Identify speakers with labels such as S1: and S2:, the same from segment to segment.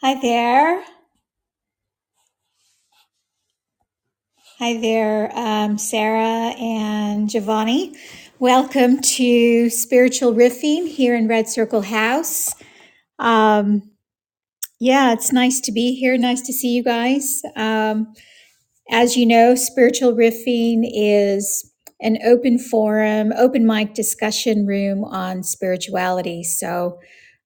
S1: Hi there. Hi there, um, Sarah and Giovanni. Welcome to Spiritual Riffing here in Red Circle House. Um, yeah, it's nice to be here. Nice to see you guys. Um, as you know, Spiritual Riffing is an open forum, open mic discussion room on spirituality. So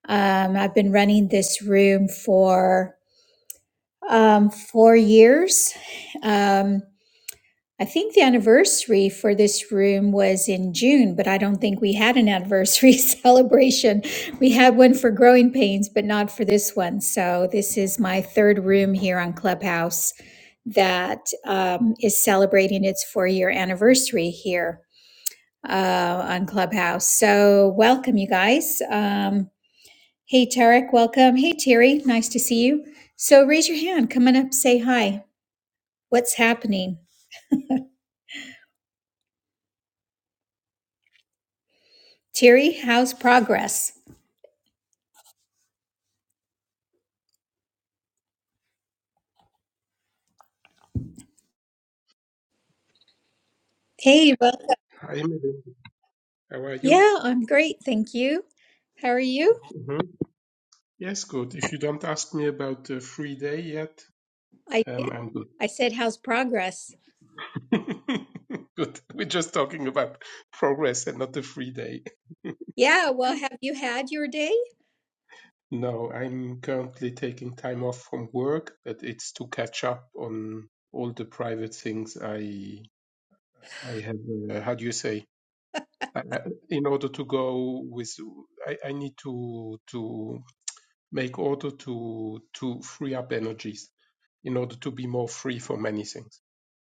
S1: um, I've been running this room for um, four years. Um, I think the anniversary for this room was in June, but I don't think we had an anniversary celebration. We had one for Growing Pains, but not for this one. So this is my third room here on Clubhouse that um, is celebrating its four year anniversary here uh, on Clubhouse. So welcome, you guys. Um, hey, Tarek, welcome. Hey, Terry, nice to see you. So raise your hand, come on up, say hi. What's happening? Terry, how's progress? Hey, welcome.
S2: Hi, Melody. How are you?
S1: Yeah, I'm great. Thank you. How are you?
S2: hmm Yes, good. If you don't ask me about the free day yet,
S1: I did.
S2: um, I'm
S1: I said, how's progress?
S2: good. good. We're just talking about progress and not the free day.
S1: Yeah, well, have you had your day?
S2: No, I'm currently taking time off from work, but it's to catch up on all the private things I I have. Uh, how do you say? I, I, in order to go with, I, I need to to make order to to free up energies in order to be more free for many things.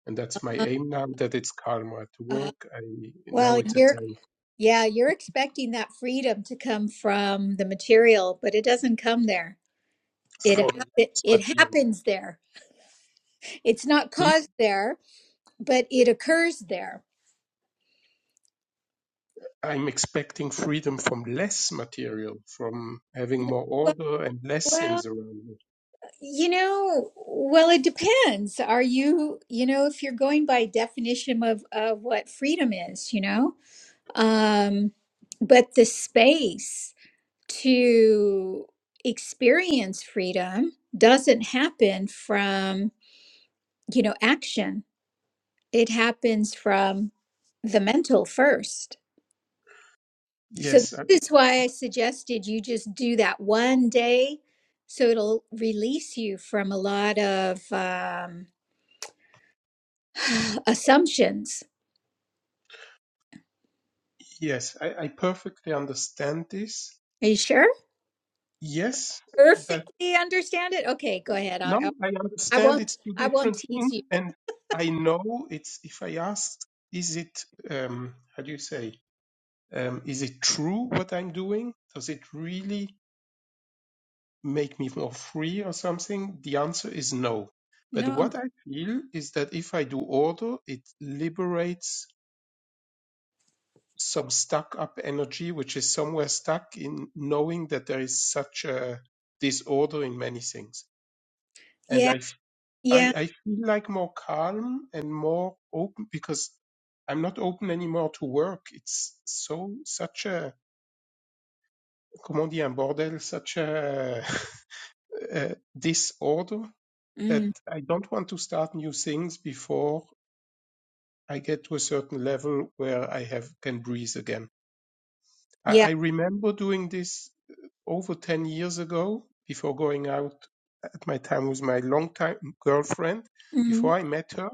S2: and that's my
S1: Uh,
S2: aim now that it's karma to
S1: uh,
S2: work i now
S1: well,
S2: it's a
S1: you're,
S2: time
S1: yeah, you're expecting that freedom to come from the material, but it doesn't come there. It,
S2: from
S1: hap- it,
S2: less
S1: it
S2: material
S1: happens there. It's not caused there, but it occurs there.
S2: i'm expecting freedom from less material from having more
S1: Well,
S2: order and less
S1: well,
S2: things around me
S1: you know, well, it depends. Are you, you know, if you're going by definition of, of what freedom is, you know? um, but the space to experience freedom doesn't happen from you know action it happens from the mental first so
S2: yes I,
S1: this is why i suggested you just do that one day so it'll release you from a lot of um, assumptions
S2: yes I, I perfectly understand this
S1: are you sure
S2: yes but
S1: perfectly understand it okay go ahead i, I
S2: no i
S1: I
S2: understand
S1: won't
S2: it's two
S1: i won't
S2: different
S1: tease
S2: things
S1: you
S2: and i know it's if i ask is it um how do you say um, is it true what i'm doing does it really make me more free or something? The answer is no. But
S1: no
S2: what I feel is that if I do order, it liberates some stuck up energy, which is somewhere stuck in knowing that there is such a disorder in many things.
S1: Yeah.
S2: And I, f- I,
S1: Yeah.
S2: I feel like more calm and more open because I'm not open anymore to work. It's so, such a, comment dire, un bordel, such a, a disorder that
S1: Mm.
S2: I don't want to start new things before I get to a certain level where I have can breathe again. I,
S1: Yeah.
S2: I remember doing this over ten years ago before going out at my time with my longtime girlfriend.
S1: Mm.
S2: Before I met her,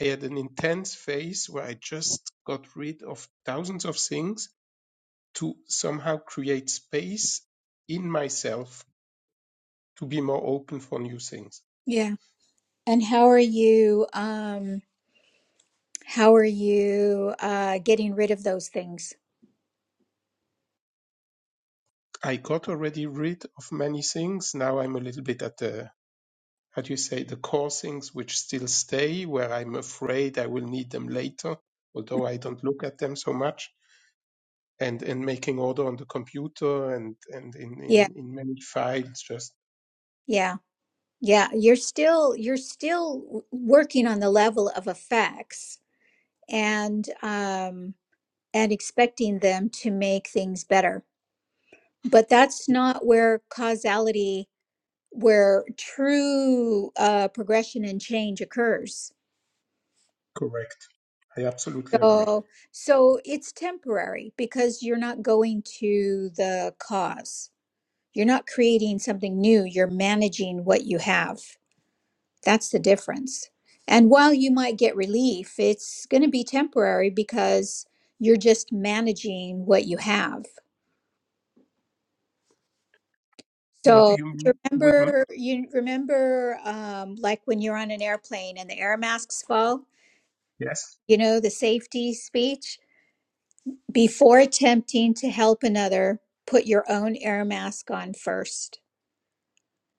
S2: I had an intense phase where I just got rid of thousands of things to somehow create space in myself to be more open for new things
S1: Yeah. And how are you um how are you uh getting rid of those things?
S2: I got already rid of many things. Now I'm a little bit at the, how do you say, the core things which still stay, where I'm afraid I will need them later, although I don't look at them so much. And and making order on the computer and and in
S1: Yeah.
S2: in, in many files, just
S1: Yeah. Yeah, you're still you're still w- working on the level of effects and um and expecting them to make things better. But that's not where causality where true uh progression and change occurs.
S2: correct. I absolutely agree.
S1: So, so it's temporary because you're not going to the cause. You're not creating something new. You're managing what you have. That's the difference. And while you might get relief, it's going to be temporary because you're just managing what you have.
S2: What do
S1: So
S2: you
S1: do you
S2: mean with m-
S1: remember, you remember, um, like when you're on an airplane and the air masks fall.
S2: yes,
S1: You know the safety speech. Before attempting to help another, put your own air mask on first.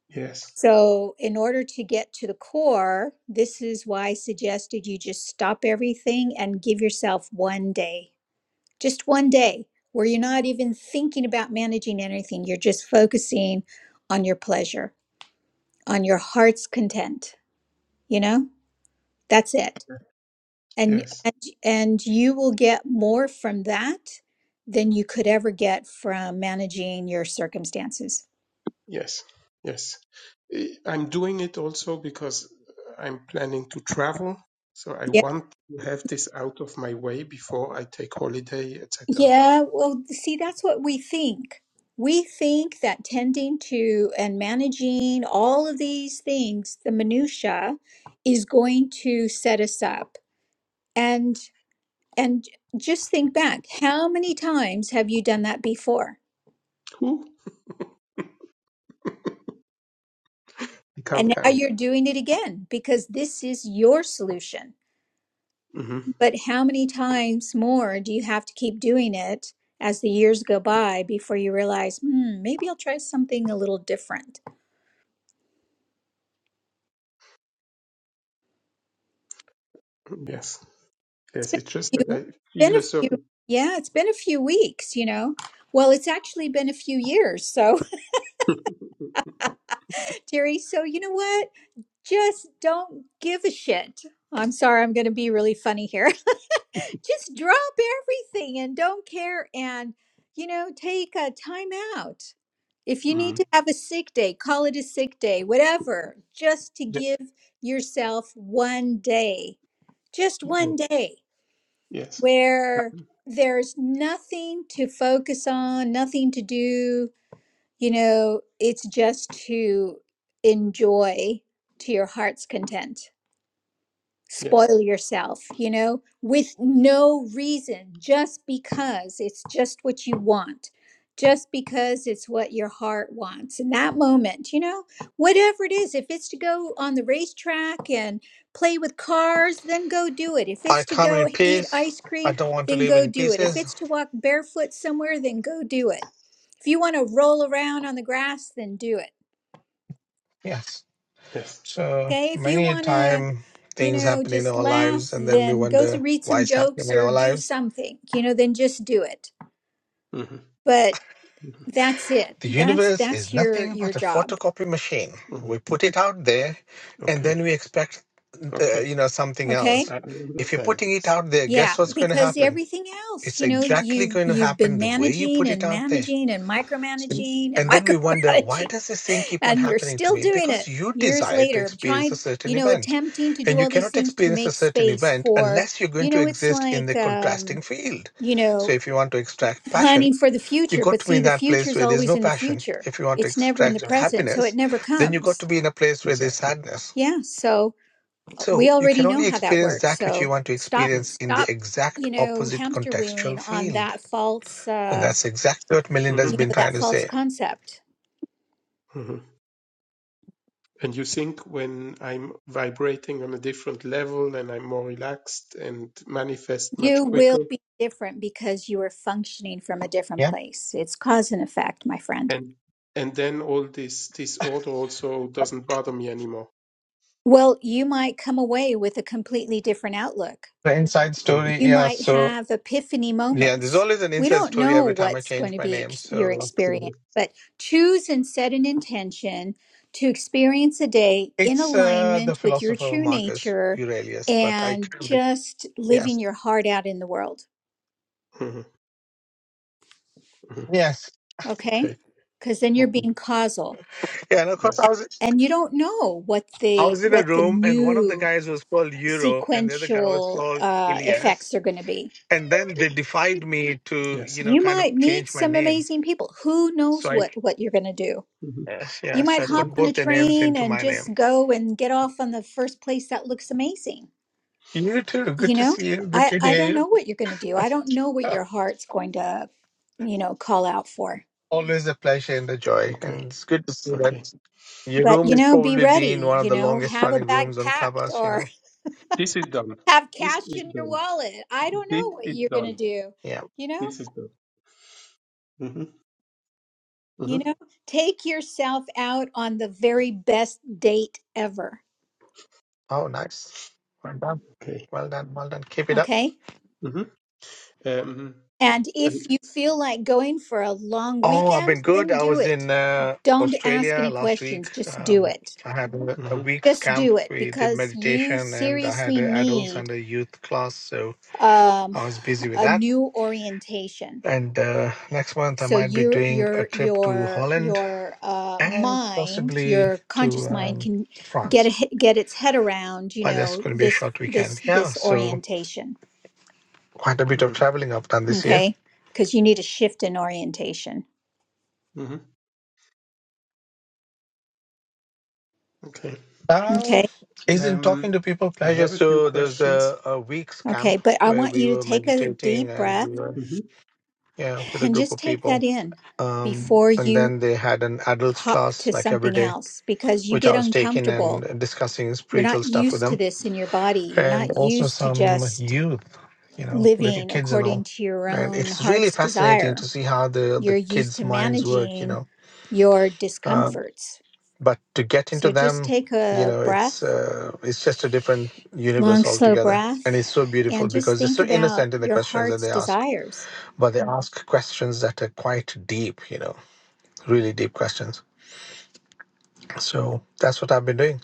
S2: yes,
S1: So, in order to get to the core, this is why I suggested you just stop everything and give yourself one day, just one day where you're not even thinking about managing anything. You're just focusing on your pleasure, on your heart's content. You know, that's it. And,
S2: yes?
S1: and and you will get more from that than you could ever get from managing your circumstances.
S2: Yes, yes. Eh, I'm doing it also because I'm planning to travel, so I
S1: Yeah.
S2: want to have this out of my way before I take holiday, etc.
S1: Yeah, well, see, that's what we think. We think that tending to and managing all of these things, the minutia, is going to set us up. And and just think back, how many times have you done that before?
S2: Who? I can't
S1: And now
S2: count.
S1: you're doing it again because this is your solution
S2: hmm
S1: But how many times more do you have to keep doing it as the years go by before you realize, hmm, maybe I'll try something a little different?
S2: Yes,
S1: It's
S2: yes.
S1: been
S2: It's just
S1: a
S2: that
S1: few,
S2: I
S1: been
S2: feel
S1: a
S2: a
S1: few,
S2: certain.
S1: yeah, it's been a few weeks, you know. Well, it's actually been a few years. So, Terry, so you know what? Just don't give a shit. I'm sorry, I'm going to be really funny here. just drop everything and don't care and you know take a time out if you need
S2: mm.
S1: to have a sick day call it a sick day whatever just to
S2: yeah,
S1: give yourself one day just
S2: yeah,
S1: one day
S2: Yes. Uh,
S1: where there's nothing to focus on nothing to do you know it's just to enjoy to your heart's content
S2: Yes.
S1: spoil yourself, you know, with no reason, just because it's just what you want, just because it's what your heart wants in that moment, you know, whatever it is. If it's to go on the racetrack and play with cars, then go do it. If
S3: I
S1: it's to
S3: come
S1: go
S3: in
S1: eat
S3: peace.
S1: ice
S3: I
S1: cream,
S3: don't want to
S1: then
S3: live
S1: go
S3: in
S1: do it. If
S3: pieces.
S1: it's to walk barefoot somewhere, then go do it. If you want to roll around on the grass, then do it
S3: Yes.
S2: Yes.
S3: So
S1: Okay, if you
S3: many a
S1: want to,
S3: time
S1: you
S3: things
S1: know,
S3: happen in
S1: just
S3: our
S1: laugh,
S3: lives and then we
S1: then go s-
S3: wonder
S1: read
S3: why
S1: some
S3: it's happening
S1: jokes
S3: in
S1: or
S3: our
S1: do
S3: lives.
S1: something. You know, then just do it.
S2: hmm
S1: But that's it.
S3: The
S1: That's
S3: universe
S1: that's
S3: is
S1: your
S3: nothing
S1: your
S3: but a
S1: job.
S3: photocopy machine.
S2: hmm
S3: We put it out there and
S2: Okay.
S3: then we expect uh,
S2: Okay.
S3: you know something
S2: I
S1: Okay?
S3: else.
S2: I
S3: If you're
S2: understand.
S3: putting it
S2: Yes.
S3: out there,
S1: Yeah,
S3: guess
S2: Yes.
S3: what's
S2: Yes.
S3: going to
S1: because
S2: Yes.
S3: happen?
S1: everything else,
S3: It's
S1: you know,
S3: exactly
S1: you've
S3: going to
S1: you've
S3: happen
S1: been
S3: the way you
S1: managing
S3: put it
S1: and
S3: out there.
S1: managing and micromanaging and
S3: And then we wonder, why
S1: micromanaging
S3: does this thing keep on
S1: and you're
S3: happening to
S1: still
S3: me?
S1: doing
S3: Because
S1: it
S3: you
S1: years
S3: desire to
S1: later
S3: experience a
S1: trying you
S3: certain
S1: know
S3: event.
S1: attempting to do
S3: And you
S1: all these
S3: cannot
S1: things to
S3: experience a
S1: make
S3: certain
S1: space
S3: event
S1: for
S3: unless you're
S1: you
S3: going to
S1: know it's
S3: exist in
S1: like
S3: the
S1: um
S3: contrasting field.
S1: you
S3: So
S1: know
S3: if you want to extract passion,
S1: planning for the
S3: you
S1: future
S3: got
S1: but
S3: to be
S1: see
S3: in
S1: the
S3: that
S1: future
S3: place
S1: is
S3: where there's
S1: always
S3: no
S1: in the
S3: passion.
S1: future
S3: If you want to
S1: it's never in the
S3: extract
S2: Exactly.
S1: present so it
S3: happiness,
S1: never
S3: then you got to
S1: comes
S3: be in a place where there's
S2: Exactly.
S3: sadness.
S1: yeah so uh, we
S3: So you
S1: already
S3: can
S1: know
S3: only
S1: how that
S3: experience
S1: works
S3: that which you
S1: so
S3: want to
S1: stop
S2: hmm
S3: experience in the
S1: stop
S3: exact
S1: you know
S3: opposite
S1: hamster wheeling
S3: contextual
S1: on
S3: field.
S1: that false
S3: And
S1: uh
S3: that's exactly what Melinda
S2: hmm
S3: has
S1: you know
S3: been
S1: that
S3: trying to
S1: false
S3: say.
S1: concept
S2: hmm And you think when I'm vibrating on a different level and I'm more relaxed and manifest
S1: you
S2: much
S1: will
S2: quicker
S1: be different because you are functioning from a different
S3: Yeah,
S1: place it's cause and effect my friend
S2: and and then all this disorder also doesn't bother me anymore.
S1: well you might come away with a completely different outlook
S3: the inside
S2: Mhm,
S3: story.
S1: you
S3: Yeah,
S1: might
S3: so
S1: have epiphany
S3: yeah, there's
S1: moments.
S3: always an
S1: We
S3: inside
S1: don't
S3: story
S1: know
S3: every time I
S1: what's going
S3: change
S1: to
S3: my
S1: be
S3: name.
S1: ex- your
S3: So
S1: experience,
S2: mhm,
S1: but choose and set an intention to experience a day in
S3: it's uh, the
S1: alignment with your
S3: philosopher
S1: true
S3: Marcus
S1: nature
S3: Aurelius, but I
S1: and
S3: couldn't-
S1: just living
S3: yes,
S1: your heart out in the world,
S2: mhm, mhm.
S3: yes,
S1: okay?
S2: okay.
S1: Cuz then you're
S2: Okay.
S1: being causal
S3: yeah. And of course, I
S2: Yes.
S3: was
S1: and you don't know what
S3: I
S1: the
S3: was in a
S1: what the
S3: room, and one of the
S1: new
S3: guys was called Euro, and the other guy was
S1: sequential
S3: called
S1: uh,
S3: Elias.
S1: effects are going to be.
S3: and then they defied me to
S2: Yes.
S3: you know
S1: You
S3: kind of
S1: might meet
S3: change my
S1: some
S3: name
S1: amazing people. Who knows
S3: so i
S1: what what you're going to do?
S2: hmm
S3: yes yeah
S1: You
S3: so
S1: might
S3: i
S2: hmm
S1: hop
S3: put
S1: on a
S3: both their names
S1: train
S3: into
S1: and
S3: my name
S1: just go and get off on the first place that looks amazing.
S3: you too
S1: You
S3: good to
S1: know,
S3: see you good
S1: I,
S3: to
S1: I don't
S3: hear
S1: know what you're going to do.
S3: you
S1: I don't know what your heart's going to, you know, call out for.
S3: always a pleasure and a joy
S2: Okay.
S3: and it's good to see that
S2: Okay.
S3: your
S1: But,
S3: room
S1: you
S3: is
S1: know, be
S3: probably been
S1: ready,
S3: one of
S1: you
S3: the
S1: know,
S3: longest
S1: have a
S3: running
S1: bag
S3: rooms on
S1: packed
S3: clubhouse you
S1: or
S3: know
S2: This is done.
S1: have
S2: This
S1: cash
S2: is
S1: in your
S2: done.
S1: wallet. I don't
S2: This
S1: know what
S2: is
S1: you're going to
S2: done.
S1: do.
S3: yeah
S1: You know,
S2: This is done. hmm hmm
S1: you know, take yourself out on the very best date ever.
S3: oh nice well done
S2: Okay.
S3: well done well done keep it up
S1: Okay.
S2: hmm Um,
S1: And
S2: I,
S1: if you feel like going for a long
S3: Oh, I've
S1: weekend,
S3: been good.
S1: then
S3: I
S1: do
S3: was
S1: it.
S3: in uh,
S1: Don't ask
S3: Australia
S1: any
S3: last
S1: questions.
S3: week.
S1: Just do
S3: Um,
S1: it.
S3: I had a, a
S2: hmm
S3: week's
S1: Just
S3: camp.
S1: do it
S3: We did
S1: because you
S3: meditation, and I had
S1: seriously
S3: a adults
S1: need
S3: and a youth class, so
S1: um,
S3: I was busy with
S1: a
S3: that.
S1: new orientation.
S3: And uh, next month, I
S1: So
S3: might be
S1: your
S3: doing a
S1: your
S3: trip to
S1: your
S3: Holland
S1: your uh,
S3: and
S1: mind,
S3: possibly
S1: your
S3: to
S1: conscious mind,
S3: um,
S1: can get a,
S3: France.
S1: get its head around, you
S3: But that's
S1: know,
S3: going to be a
S1: this
S3: short
S1: this
S3: weekend. Yeah,
S1: this
S3: so
S1: orientation.
S3: quite a bit of traveling I've done this year.
S1: Okay, because you need a shift in orientation.
S2: hmm Okay.
S3: Uh,
S1: Okay,
S3: isn't talking
S2: Um,
S3: to people
S2: I
S3: pleasure?
S2: have a few
S3: So there's
S2: questions.
S3: a, a week's
S1: okay,
S3: camp
S1: but I
S3: where
S1: want
S3: we
S1: you to
S3: were
S1: take a
S3: meditating
S1: deep
S3: and we
S1: breath
S3: were
S2: hmm
S3: yeah with a
S1: and
S3: group
S1: just
S3: of
S1: take that
S3: people.
S1: in
S3: Um,
S1: before
S3: and
S1: you
S3: then they had an adults
S1: hop to
S3: class like every
S1: something
S3: day,
S1: else because you
S3: which
S1: get
S3: I was taking
S1: uncomfortable.
S3: and discussing
S1: You're
S3: spiritual
S1: not
S3: stuff with
S1: used to
S3: them,
S1: this in your body. You're
S3: and
S1: not
S3: also
S1: used to
S3: some
S1: just
S3: youth, you know, little
S1: living
S3: kids and
S1: according
S3: all.
S1: to your
S3: And
S1: own
S3: it's really
S1: heart's
S3: fascinating
S1: desire.
S3: to see how the
S1: You're
S3: the
S1: used
S3: kids'
S1: to
S3: minds work. You
S1: managing
S3: know,
S1: your
S3: uh,
S1: discomforts.
S3: but to get into
S1: So just
S3: them
S1: take
S3: you
S1: a
S3: know it's
S1: breath,
S3: uh, it's just a different
S1: long,
S3: universe
S1: slow
S3: altogether
S1: breath,
S3: and it's so beautiful
S1: and just
S3: because they're
S1: think
S3: so
S1: about
S3: innocent in the
S1: your
S3: questions that
S1: heart's
S3: they ask
S1: desires.
S3: but they Mm. ask questions that are quite deep you know really deep questions so that's what i've been doing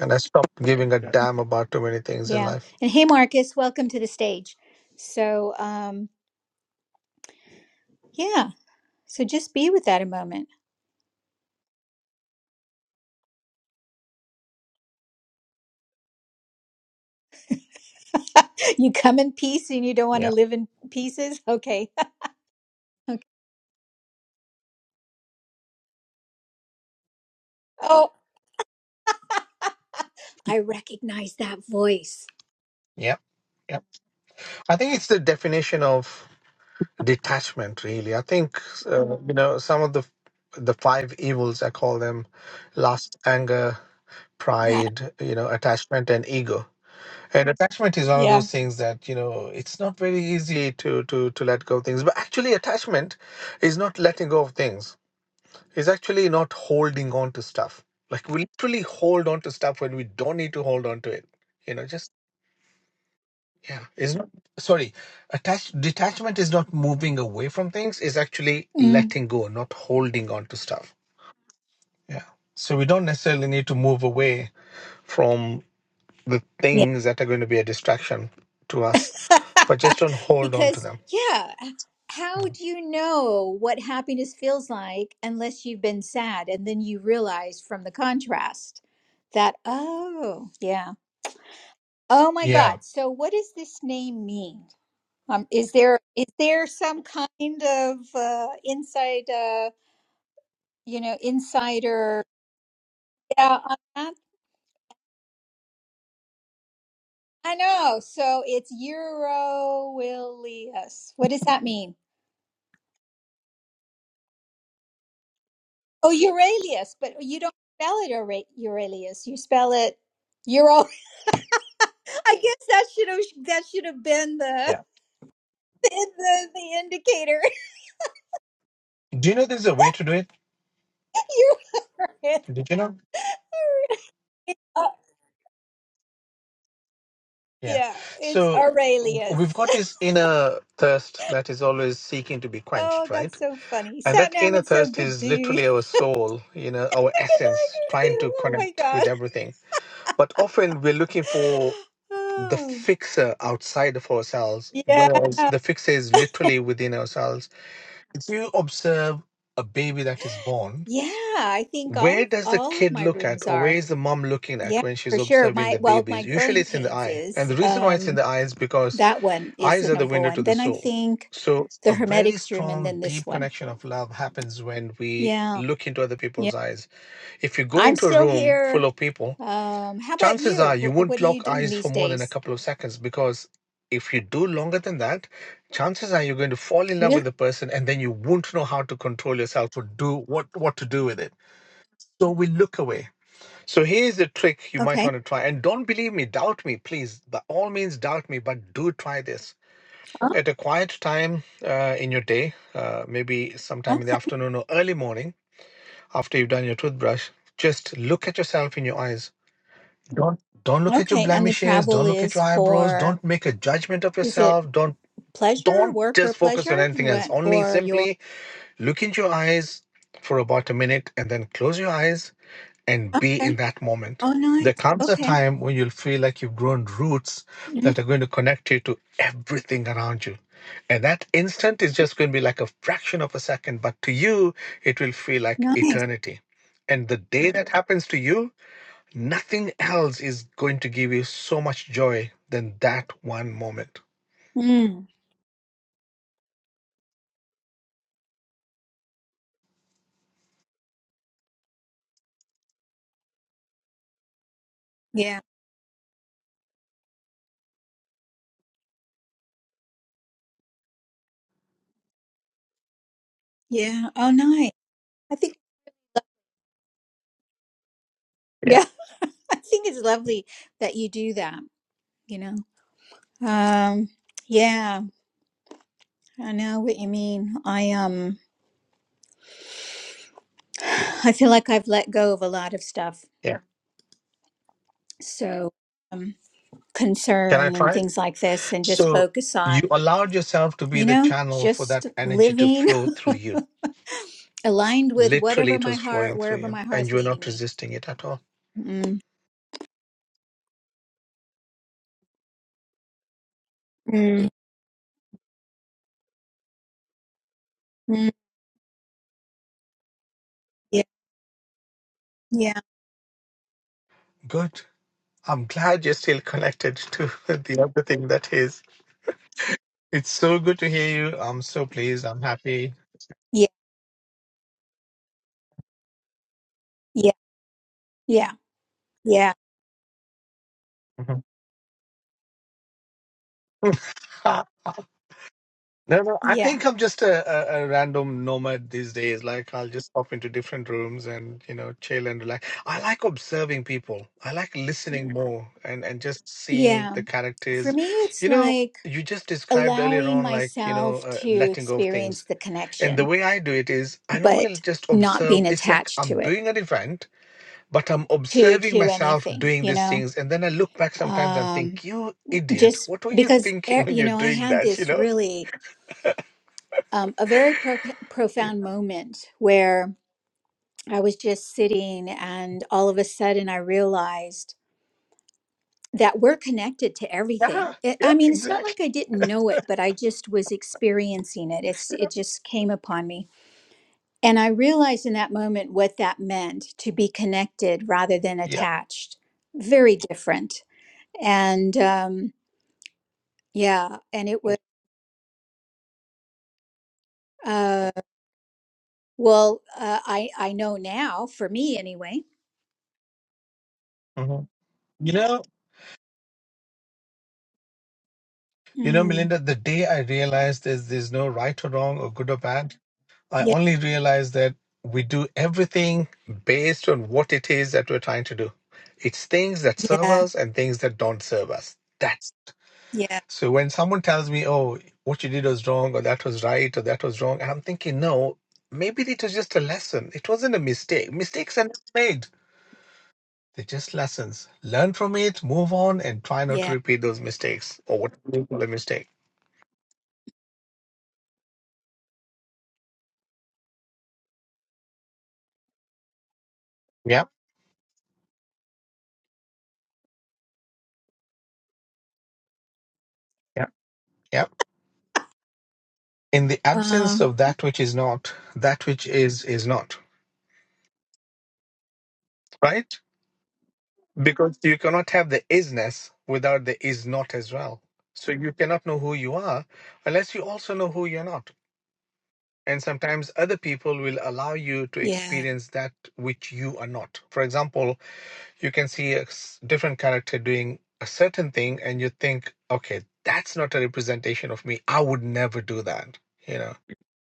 S3: and i stopped giving a
S2: Yeah,
S3: damn about too many things in
S1: Yeah.
S3: life
S1: And hey, Marcus, welcome to the stage. So, um, yeah. So just be with that a moment. you come in peace and you don't want to
S3: yeah
S1: live in pieces. Okay. okay. Oh, I recognize that voice.
S3: yeah yeah i think it's the definition of detachment really i think uh, Mm. you know some of the the five evils i call them lust anger
S1: What?
S3: pride, you know, attachment and ego. And attachment is one of
S1: Yeah.
S3: those things that, you know, it's not very easy to to to let go of things. But actually attachment is not letting go of things. It's actually not holding on to stuff. Like we literally hold on to stuff when we don't need to hold on to it. You know, just yeah. It's not sorry. Attach detachment is not moving away from things, it's actually
S1: Mm.
S3: letting go, not holding on to stuff. Yeah. So we don't necessarily need to move away from. the
S1: Yeah.
S3: things that are going to be a distraction to us, but just don't hold on to
S1: because,
S3: them.
S1: yeah, how do you know what happiness feels like unless you've been sad and then you realize from the contrast that, oh, yeah. Oh my
S3: Yeah.
S1: God. So, what does this name mean? Um, is there is there some kind of uh, inside, uh, you know, insider? Yeah, on that- I know. So it's Eurilius. What does that mean? Oh, Euralius, but you don't spell it Eura- Euralius. You spell it Euro. I guess that should have that should have been the
S3: Yeah.
S1: the, the the indicator.
S3: Do you know there's a way to do it?
S1: You
S3: Did you know?
S1: uh,
S3: Yeah.
S1: yeah, it's
S3: So w- we've
S1: Aurelius.
S3: got this inner thirst that is always seeking to be
S1: Oh,
S3: quenched,
S1: that's
S3: right?
S1: so funny.
S3: And that
S1: Satnam,
S3: inner
S1: it's so
S3: thirst
S1: good
S3: is
S1: to
S3: literally our soul, you know, our
S1: connect
S3: essence
S1: with
S3: trying
S1: you.
S3: to
S1: Oh my
S3: connect
S1: god.
S3: with everything. But often we're looking for the
S1: Oh
S3: fixer outside of ourselves,
S1: yeah.
S3: whereas the fixer is literally within ourselves If you observe a baby that is born,
S1: Yeah, I think all
S3: where
S1: of
S3: does the
S1: all of
S3: kid
S1: my
S3: look at,
S1: rooms
S3: or where
S1: are.
S3: is the mom looking
S1: Yeah,
S3: at when
S1: for
S3: she's
S1: sure.
S3: observing
S1: My
S3: the
S1: well, my
S3: babies? Usually
S1: growing
S3: it's in the
S1: pains
S3: eye. And
S1: is
S3: the reason why it's in
S1: um
S3: the eye is because
S1: that one is
S3: eyes
S1: the
S3: are the
S1: number
S3: window
S1: one.
S3: to the
S1: Then I
S3: soul.
S1: think
S3: So
S1: the
S3: a very
S1: hermetics room and
S3: strong,
S1: then this
S3: deep
S1: one.
S3: connection of love happens when we
S1: Yeah.
S3: look into other
S1: Yeah.
S3: people's eyes. If you go
S1: I'm
S3: into a
S1: still
S3: room
S1: here.
S3: full of people
S1: Um how about
S3: chances
S1: you?
S3: are you
S1: Wh- What
S3: won't
S1: are you
S3: lock
S1: doing
S3: eyes
S1: these
S3: for more than a
S1: days?
S3: couple of seconds because if you do longer than that, chances are you're going to fall in love
S1: Really?
S3: with the person and then you won't know how to control yourself or do what, what to do with it. So we look away. So here's a trick you might
S1: Okay.
S3: want to try. And don't believe me, doubt me, please. By all means, doubt me, but do try this.
S1: Oh,
S3: At a quiet time uh, in your day, uh, maybe sometime in the
S1: okay.
S3: afternoon or early morning after you've done your toothbrush, just look at yourself in your eyes don't don't look at your
S1: Okay. And the
S3: blemishes.
S1: travel
S3: Don't look at
S1: is
S3: your eyebrows.
S1: for
S3: Don't make a judgment of
S1: is it
S3: yourself. Don't
S1: pleasure,
S3: don't
S1: work or
S3: just focus on
S1: pleasure?
S3: anything else.
S1: What
S3: Only
S1: or your
S3: simply look into your eyes for about a minute and then close your eyes and be
S1: Okay.
S3: in that moment.
S1: Oh, nice.
S3: There comes a
S1: Okay.
S3: time when you'll feel like you've grown roots
S1: Mm,
S3: that are going to connect you to everything around you. And that instant is just going to be like a fraction of a second, but to you, it will feel like
S1: Nice.
S3: eternity. And the day that happens to you, Nothing else is going to give you so much joy than that one moment.
S1: Mm, yeah, yeah. Oh, nice. I think, yeah,
S3: Yeah.
S1: I think it's lovely that you do that, you know. Um, yeah, I know what you mean. I um I feel like I've let go of a lot of stuff.
S3: Yeah.
S1: So, um,
S3: Can I
S1: concern and
S3: try?
S1: things like this and just
S3: So
S1: focus
S3: you
S1: on,
S3: allowed yourself to be
S1: you
S3: the
S1: know,
S3: channel for
S1: just
S3: that energy to
S1: living
S3: flow through you.
S1: aligned with
S3: Literally,
S1: whatever
S3: it
S1: my
S3: was flowing
S1: heart,
S3: through
S1: wherever
S3: you,
S1: my
S3: and
S1: heart's
S3: you were
S1: leading
S3: not
S1: me.
S3: resisting it at all.
S1: Mm, mm, mm. Yeah, yeah,
S3: Good. I'm glad you're still connected to the other thing that is. It's so good to hear you. I'm so pleased. I'm happy.
S1: yeah, yeah, yeah, yeah,
S3: No, no. I
S1: yeah.
S3: think I'm just a, a, a random nomad these days. Like I'll just pop into different rooms and you know chill and relax. I like observing people. I like listening more and and just seeing
S1: Yeah.
S3: the
S1: For
S3: characters.
S1: me, it's
S3: You know,
S1: like
S3: you just described earlier
S1: allowing
S3: on like you know
S1: myself
S3: uh,
S1: to
S3: letting go of
S1: experience
S3: things.
S1: the
S3: And the
S1: connection,
S3: way I do it is I normally
S1: but
S3: just
S1: not
S3: observe.
S1: being
S3: It's like
S1: attached
S3: I'm
S1: to it,
S3: doing an event, but I'm
S1: to
S3: observing
S1: to
S3: myself
S1: anything,
S3: doing
S1: you
S3: these
S1: know.
S3: things, and then I look back sometimes and
S1: Um,
S3: think, "You idiot!
S1: just
S3: What were you
S1: because eh,
S3: thinking when
S1: you
S3: you're
S1: know, I
S3: doing
S1: had
S3: that?" You
S1: this
S3: know.
S1: really um, a very pro- profound moment where I was just sitting, and all of a sudden, I realized that we're connected to everything.
S3: Yeah,
S1: It,
S3: yeah,
S1: I mean, it's not
S3: exactly.
S1: like I didn't know it, but I just was experiencing it. It's it just came upon me And I realized in that moment what that meant to be connected rather than
S3: Yeah.
S1: attached. Very different. And um, yeah, and it was, uh, well, uh, I, I know now, for me anyway.
S3: Mhm. You know, you know,
S1: Mm,
S3: Melinda, the day I realized there's there's no right or wrong or good or bad, I
S1: yeah,
S3: only realized that we do everything based on what it is that we're trying to do. It's things that serve
S1: yeah,
S3: us and things that don't serve us. That's
S1: yeah,
S3: so when someone tells me, oh, what you did was wrong, or that was right, or that was wrong, and I'm thinking, no, maybe it was just a lesson. It wasn't a mistake. Mistakes are not made, they're just lessons. Learn from it, move on, and try not to
S1: yeah.
S3: repeat those mistakes or what you call a mistake. Yeah, yeah, yeah. In the
S1: Uh,
S3: absence of that which is not, that which is, is not right? Because you cannot have the isness without the is not as well. So you cannot know who you are unless you also know who you're not. And sometimes other people will allow you to
S1: yeah,
S3: experience that which you are not. For example, you can see a s- different character doing a certain thing and you think, okay, that's not a representation of me. I would never do that, you know.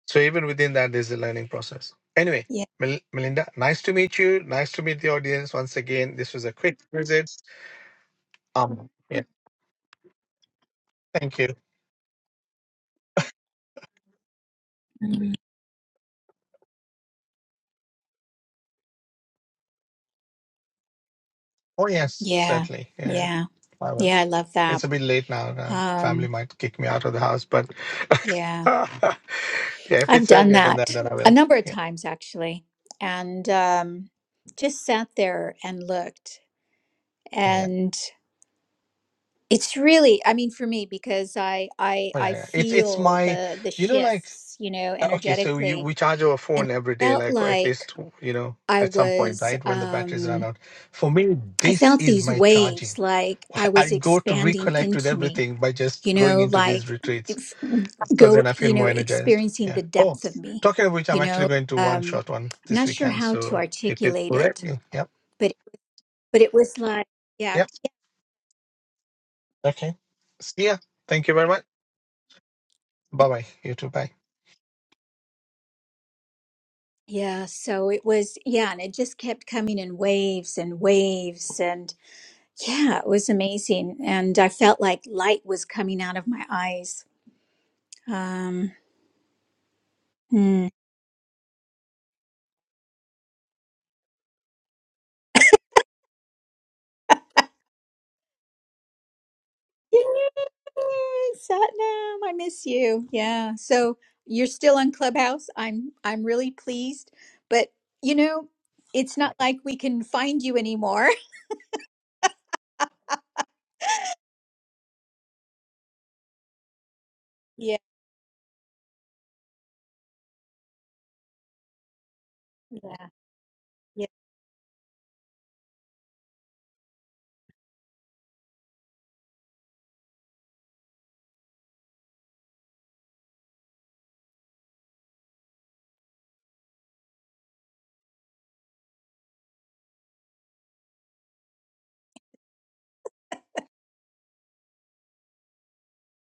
S3: So even within that, there's a learning process. Anyway,
S1: yeah,
S3: Mel- Melinda, nice to meet you. Nice to meet the audience once again. This was a quick visit Um, yeah, thank you.
S1: Mhm.
S3: Oh, yes,
S1: yeah,
S3: certainly. Yeah,
S1: yeah,
S3: I will.
S1: yeah. I love that.
S3: It's a bit late now. Uh, family
S1: Um,
S3: might kick me out of the house, but
S1: yeah,
S3: yeah, if
S1: I've
S3: it's
S1: done
S3: earlier than that,
S1: that
S3: then I
S1: a
S3: will.
S1: number of
S3: Yeah.
S1: times actually. And um, just sat there and looked
S3: Oh, yeah.
S1: and it's really i mean for me because i i
S3: Oh,
S1: i
S3: yeah, yeah. It's it's
S1: feel
S3: my,
S1: the the
S3: you know, like
S1: shifts you know
S3: uh, okay, so you
S1: energetically
S3: we charge our
S1: and
S3: phone every
S1: it
S3: day,
S1: felt
S3: like or at
S1: like
S3: least you know
S1: i
S3: at some point,
S1: was
S3: right? When the batteries run
S1: um
S3: out. For me,
S1: i
S3: this
S1: felt
S3: is
S1: these
S3: my
S1: waves
S3: charging.
S1: like i was
S3: I go to
S1: expanding
S3: reconnect with
S1: into me
S3: everything by just
S1: you
S3: going
S1: know
S3: into these
S1: like
S3: retreats.
S1: if,
S3: because
S1: go
S3: then I
S1: you
S3: feel
S1: know
S3: more energized.
S1: experiencing
S3: Yeah.
S1: the
S3: Oh,
S1: depth of me
S3: talking of which, I'm
S1: you
S3: actually
S1: know
S3: going to one
S1: um
S3: shot one
S1: i'm
S3: this
S1: not sure
S3: weekend.
S1: how to
S3: So, hip hip
S1: articulate
S3: hooray.
S1: it
S3: Yep.
S1: but but it was like yeah
S3: Yep. Okay. See ya. Thank you very much. Bye bye. You too. Bye.
S1: Yeah, so it was, yeah, and it just kept coming in waves and waves. And yeah, it was amazing. And I felt like light was coming out of my eyes. Um, hmm. Yay, Satnam, I miss you. Yeah. So you're still on Clubhouse. I'm I'm really pleased. But you know, it's not like we can find you anymore. Yeah. Yeah.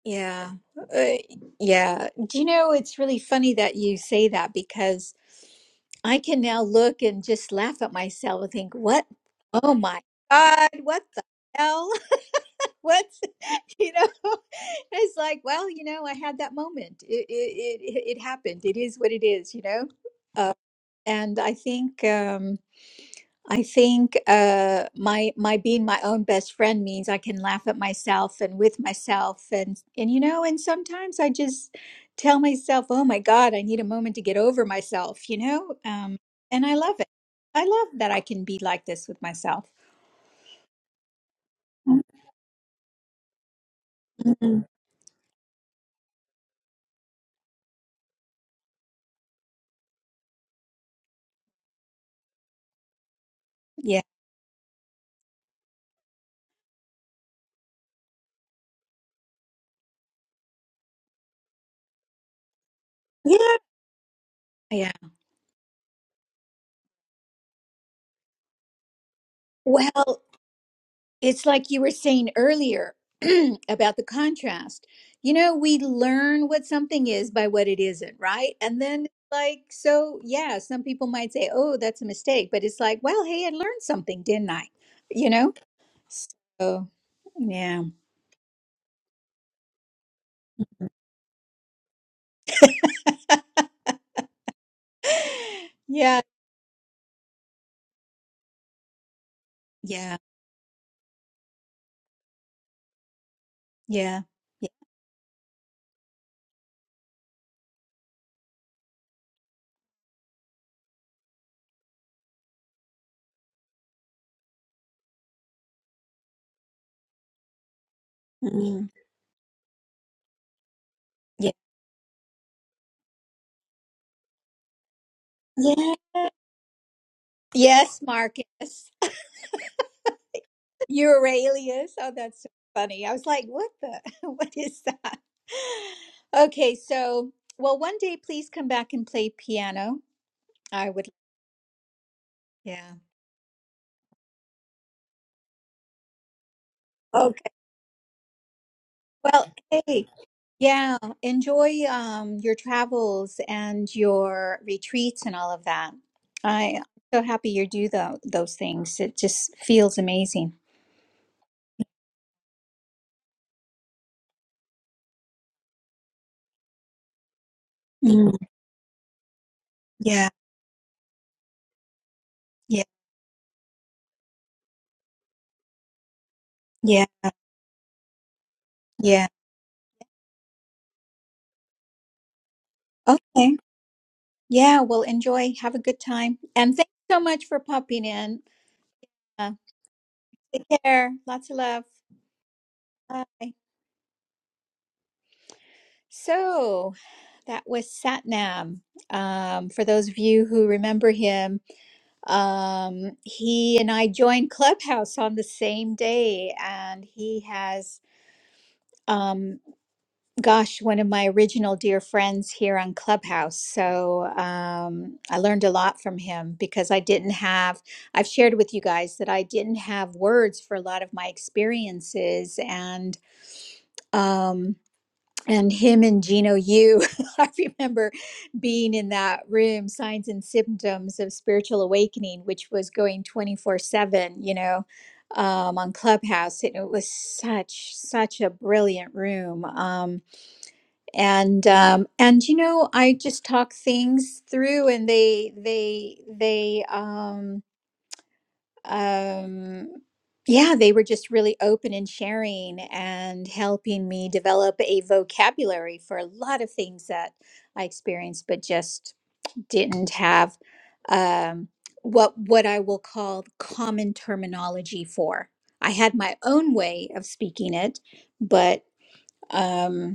S1: Yeah. Uh, yeah. Do you know, it's really funny that you say that because I can now look and just laugh at myself and think, what? Oh my God, what the hell? What's, you know, it's like, well, you know, I had that moment. It, it, it, it happened. It is what it is, you know? Uh, and I think. Um, I think uh, my my being my own best friend means I can laugh at myself and with myself and and you know and sometimes I just tell myself, oh my God, I need a moment to get over myself, you know, um, and I love it. I love that I can be like this with myself. Mhm. Yeah, yeah, yeah. Well, It's like you were saying earlier about the contrast. You know, we learn what something is by what it isn't, right? And then, like, so yeah, some people might say, oh, that's a mistake. But it's like, well, hey, I learned something, didn't I? You know? So, yeah. Yeah. Yeah. Yeah. Yeah. Mm. Yeah. Yeah. Yes, Marcus. Euralius. Oh, that's so funny. I was like, what the, what is that? Okay, so, well, one day please come back and play piano. I would, yeah. Okay. Well, hey, yeah, enjoy um, your travels and your retreats and all of that. I'm so happy you do tho- those things. It just feels amazing. Mm. Yeah, yeah, yeah, yeah. Okay. Yeah, well, enjoy. Have a good time. And thanks so much for popping in. Uh, take care. Lots of love. Bye. So that was Satnam. Um, for those of you who remember him, um, he and I joined Clubhouse on the same day, and he has. Um, gosh, one of my original dear friends here on Clubhouse. So um, I learned a lot from him because I didn't have, I've shared with you guys that I didn't have words for a lot of my experiences. And, um, and him and Gino Yu, I remember being in that room, Signs and Symptoms of Spiritual Awakening, which was going 24 7, you know, um, on Clubhouse. And it was such, such a brilliant room. Um, and um and you know i just talk things through and they they they um um yeah they were just really open and sharing and helping me develop a vocabulary for a lot of things that i experienced but just didn't have um what what i will call common terminology for i had my own way of speaking it but um,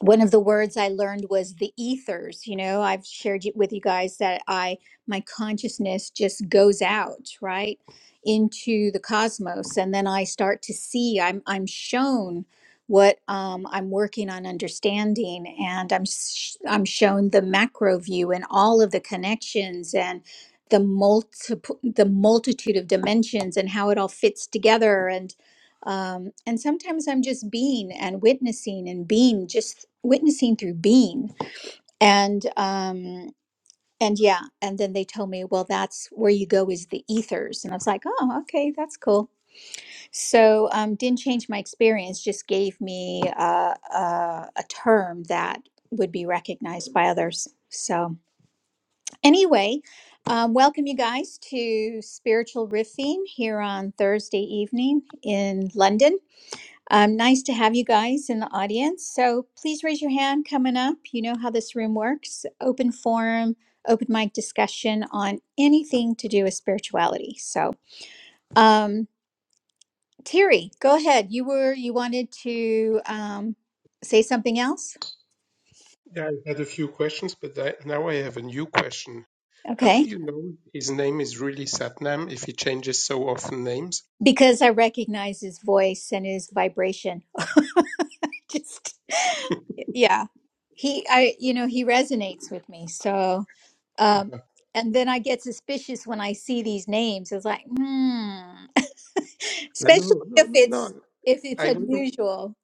S1: one of the words I learned was the ethers. You know, I've shared you- with you guys that I, my consciousness just goes out, right, into the cosmos. And then I start to see, I'm, I'm shown what um, I'm working on understanding. And I'm, sh- I'm shown the macro view and all of the connections and the multiple, the multitude of dimensions and how it all fits together. and. Um, and sometimes I'm just being and witnessing and being, just witnessing through being. And um, and yeah, and then they told me, well, that's where you go is the ethers, and I was like, oh, okay, that's cool. So um, didn't change my experience, just gave me uh, uh, a term that would be recognized by others. So anyway, um, welcome you guys to Spiritual Riffing here on Thursday evening in London. Um, nice to have you guys in the audience. So please raise your hand coming up. You know how this room works open forum, open mic discussion on anything to do with spirituality. So, um, Terry, go ahead. You were, you wanted to um, say something else?
S2: yeah, I had a few questions, but I, now I have a new question. How
S1: Okay.
S2: do you know his name is really Satnam if he changes so often names?
S1: Because I recognize his voice and his vibration. Just, yeah. He, I, you know, he resonates with me. So, Um,
S2: Uh,
S1: and then I get suspicious when I see these names. It's like, hmm, especially
S2: No, no,
S1: if
S2: no,
S1: it's
S2: no.
S1: if it's
S2: I wasn't.
S1: unusual.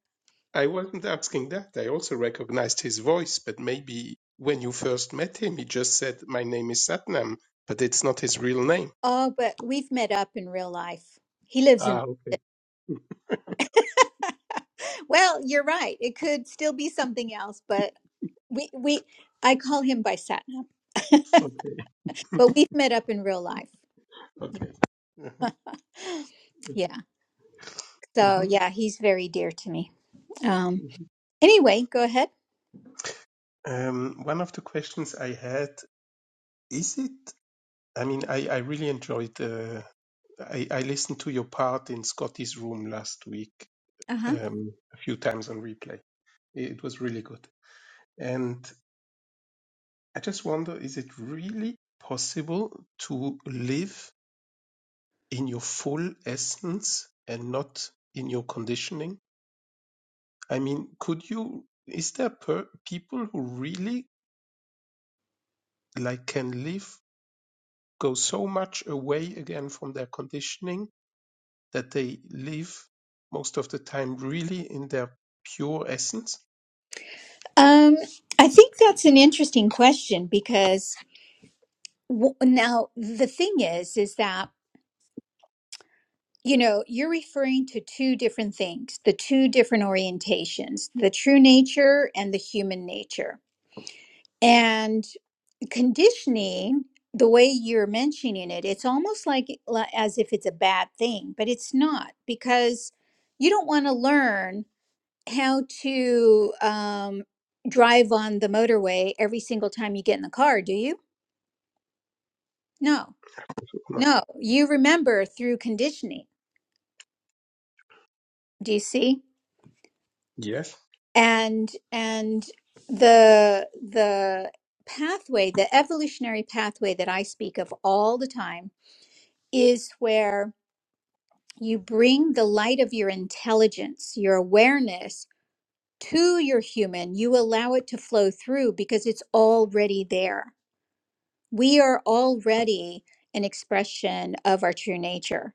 S2: I wasn't asking that. I also recognized his voice, but maybe when you first met him, he just said, "My name is Satnam," but it's not his real name.
S1: Oh, but we've met up in real life. He lives in.
S2: Ah, okay,
S1: Well, you're right. It could still be something else, but we we I call him by Satnam.
S2: okay,
S1: but we've met up in real life.
S2: okay.
S1: Yeah. So
S2: Mhm.
S1: yeah, he's very dear to me. Um
S2: Mhm.
S1: anyway, go ahead.
S2: Um, one of the questions I had Is it? I mean, I, I really enjoyed. Uh, I, I listened to your part in Scotty's room last week
S1: Uh-huh.
S2: um, a few times on replay. It, was really good. And I just wonder is it really possible to live in your full essence and not in your conditioning? I mean, could you? Is there per- people who really like can live, go so much away again from their conditioning that they live most of the time really in their pure essence?
S1: Um I think that's an interesting question because Well, now the thing is, is that you know you're referring to two different things, the two different orientations, the true nature and the human nature. And conditioning, the way you're mentioning it, it's almost like li- as if it's a bad thing, but it's not because you don't want to learn how to um, drive on the motorway every single time you get in the car, do you? No,
S2: No.
S1: no. You remember through conditioning. DC
S2: Yes,
S1: and and the the pathway the evolutionary pathway that I speak of all the time is where you bring the light of your intelligence your awareness to your human you allow it to flow through because it's already there we are already an expression of our true nature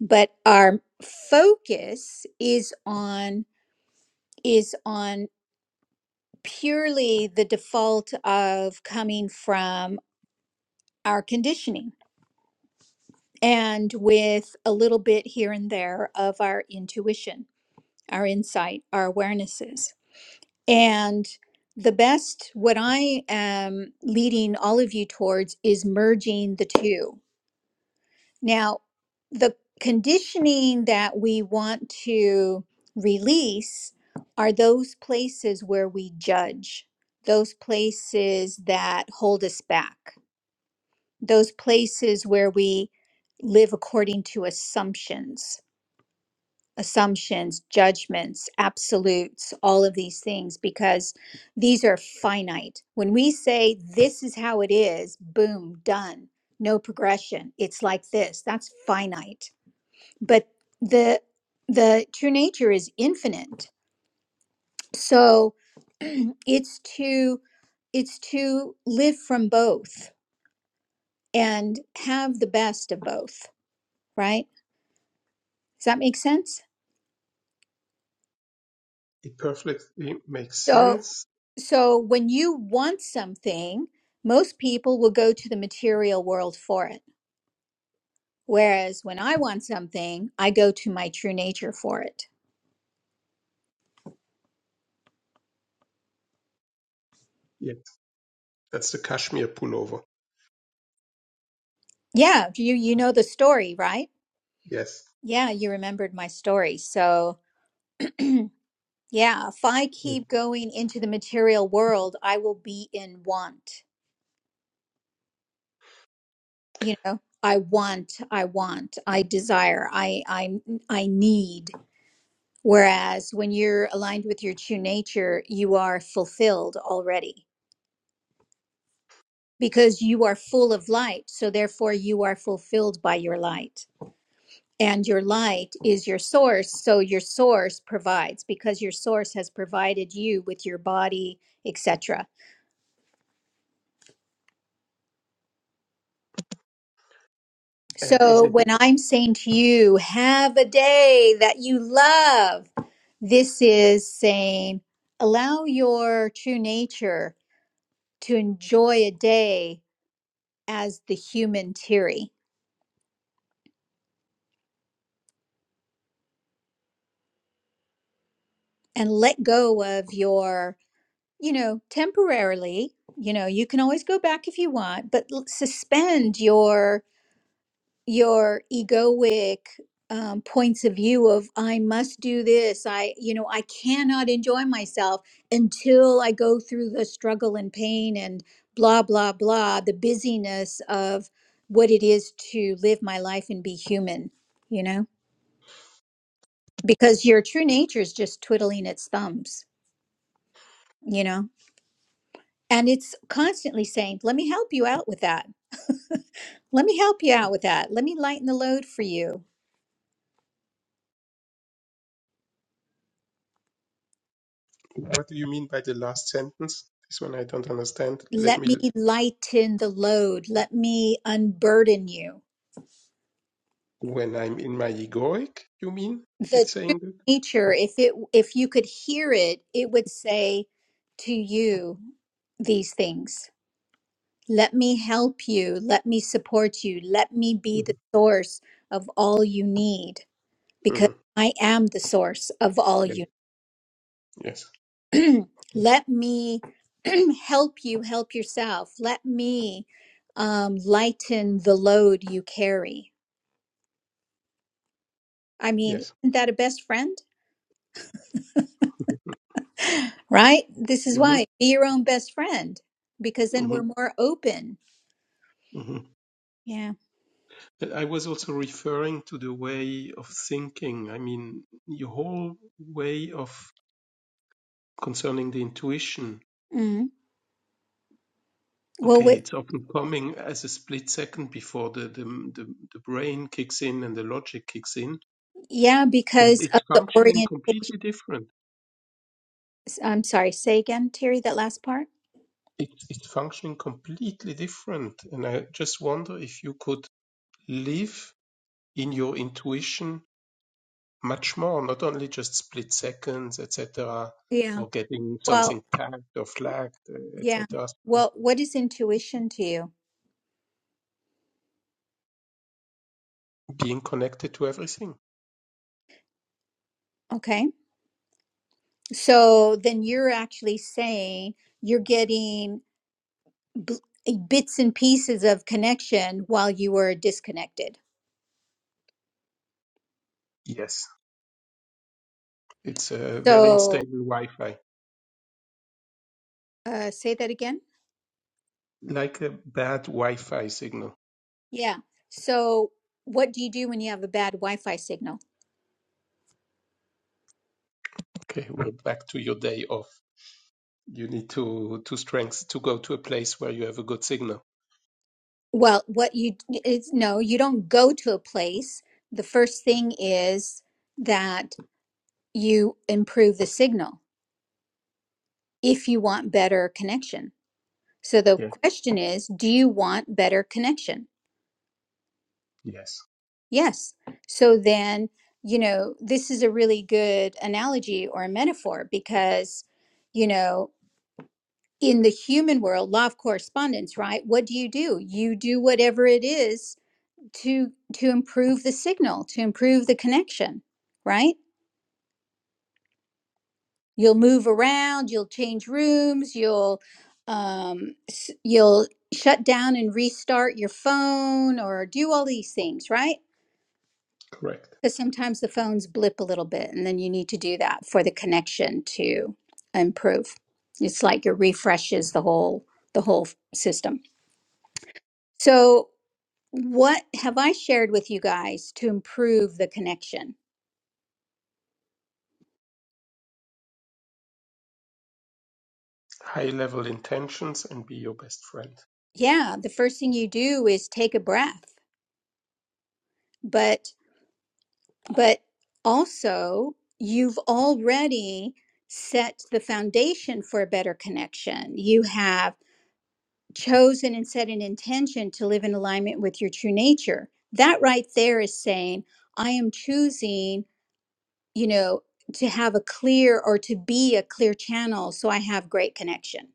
S1: but our focus is on is on purely the default of coming from our conditioning and with a little bit here and there of our intuition, our insight, our awarenesses. And the best, what I am leading all of you towards is merging the two Now, the conditioning that we want to release are those places where we judge, those places that hold us back, those places where we live according to assumptions, assumptions, judgments, absolutes, all of these things, because these are finite. When we say this is how it is, boom, done, no progression, it's like this, that's finite but the the true nature is infinite so it's to it's to live from both and have the best of both right does that make sense
S2: it perfectly makes
S1: so
S2: sense.
S1: so when you want something most people will go to the material world for it whereas when i want something i go to my true nature for it
S2: Yes, that's the cashmere pullover.
S1: yeah you you know the story right
S2: Yes.
S1: yeah you remembered my story so Yeah, if I
S2: Yes.
S1: keep going into the material world, I will be in want. You know, I want, I want, I desire, I I I need. Whereas when you're aligned with your true nature, you are fulfilled already because you are full of light. So therefore you are fulfilled by your light. And your light is your source, so your source provides because your source has provided you with your body, etc
S2: And is
S1: So
S2: it?
S1: when I'm saying to you, have a day that you love, this is saying allow your true nature to enjoy a day as the human Terry and let go of your, you know, temporarily, you know, you can always go back if you want, but l- suspend your your egoic um, points of view of I must do this. I, you know, I cannot enjoy myself until I go through the struggle and pain and blah, blah, blah, the busyness of what it is to live my life and be human, you know, because your true nature is just twiddling its thumbs, you know, and it's constantly saying, let me help you out with that. Let me help you out with that. Let me lighten the load for you
S2: What do you mean by the last sentence? This one I don't understand. Let
S1: Let
S2: me.
S1: me lighten the load. Let me unburden you.
S2: When I'm in my egoic, you mean
S1: The
S2: it's saying that?
S1: teacher, if it if you could hear it, it would say to you these things. Let me help you. Let me support you. Let me be the source of all you need because
S2: hmm
S1: I am the source of all
S2: Yes.
S1: you.
S2: Yes.
S1: Let me help you help yourself. Let me um, lighten the load you carry. I mean,
S2: Yes.
S1: isn't that a best friend? Right? This is why
S2: hmm
S1: be your own best friend because then we're
S2: hmm
S1: more open. Yeah.
S2: I was also referring to the way of thinking. I mean, your whole way of concerning the intuition.
S1: Mm. Well,
S2: Okay,
S1: wi-
S2: it's often coming as a split second before the, the, the, the brain kicks in and the logic kicks in.
S1: yeah,
S2: But
S1: because of
S2: it's
S1: the
S2: functioning
S1: orientation.
S2: completely different.
S1: I'm sorry, say again, Terry, that last part.
S2: It's, it's functioning completely different. And I just wonder if you could live in your intuition much more, not only just split seconds, etc.,
S1: Yeah.
S2: or getting
S1: Well,
S2: something tagged or flagged, uh,
S1: yeah.
S2: etc.
S1: Well, what is intuition to you?
S2: Being connected to everything.
S1: Okay. So then you're actually saying you're getting b- bits and pieces of connection while you were disconnected.
S2: Yes, it's a very
S1: So
S2: unstable Wi-Fi,
S1: uh, say that again.
S2: like a bad Wi-Fi signal.
S1: Yeah. So what do you do when you have a bad Wi-Fi signal?
S2: Okay, we're back to your day off. You need to to strength to go to a place where you have a good signal.
S1: Well, what you d- is no, you don't go to a place. The first thing is that you improve the signal if you want better connection. So the
S2: Yeah.
S1: question is, do you want better connection?
S2: Yes.
S1: Yes. So then, you know, this is a really good analogy or a metaphor because, you know, in the human world, law of correspondence, right? What do you do? You do whatever it is to to improve the signal, to improve the connection, right? You'll move around, you'll change rooms, you'll um s- you'll shut down and restart your phone or do all these things, right?
S2: Correct.
S1: Because sometimes the phones blip a little bit, and then you need to do that for the connection to improve. It's like it refreshes the whole the whole system. So, what have I shared with you guys to improve the connection?
S2: High level intentions and be your best friend.
S1: Yeah, the first thing you do is take a breath, but but also you've already set the foundation for a better connection. You have chosen and set an intention to live in alignment with your true nature. That right there is saying, I am choosing, you know, to have a clear or to be a clear channel so I have great connection.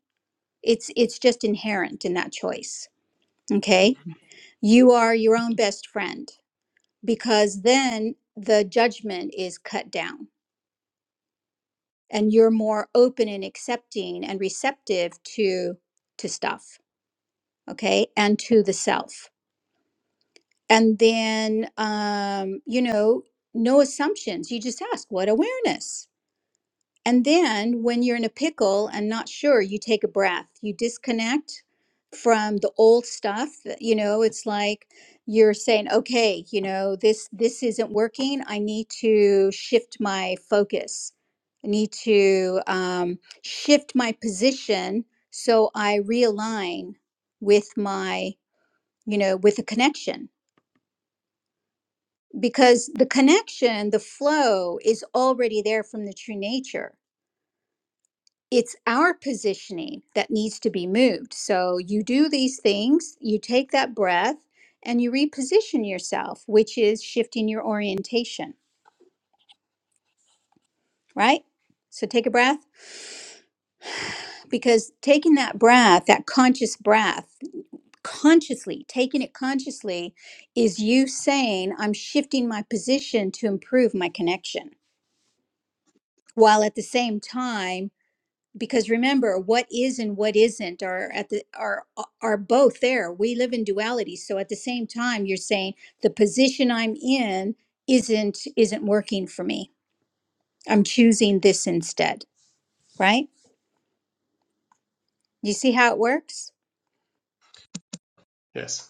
S1: It's it's just inherent in that choice. Okay?
S2: Mhm.
S1: You are your own best friend because then the judgment is cut down and you're more open and accepting and receptive to to stuff, okay? And to the self and then um, you know no assumptions you just ask what awareness and then when you're in a pickle and not sure you take a breath you disconnect from the old stuff that, you know it's like you're saying okay you know this this isn't working i need to shift my focus i need to um, shift my position so i realign with my you know with a connection because the connection, the flow is already there from the true nature. It's our positioning that needs to be moved. So you do these things, you take that breath, and you reposition yourself, which is shifting your orientation, right? So take a breath because taking that breath, that conscious breath, consciously, taking it consciously is you saying, I'm shifting my position to improve my connection while at the same time because remember what is and what isn't are at the are are both there we live in duality so at the same time you're saying the position i'm in isn't isn't working for me i'm choosing this instead right you see how it works
S2: Yes.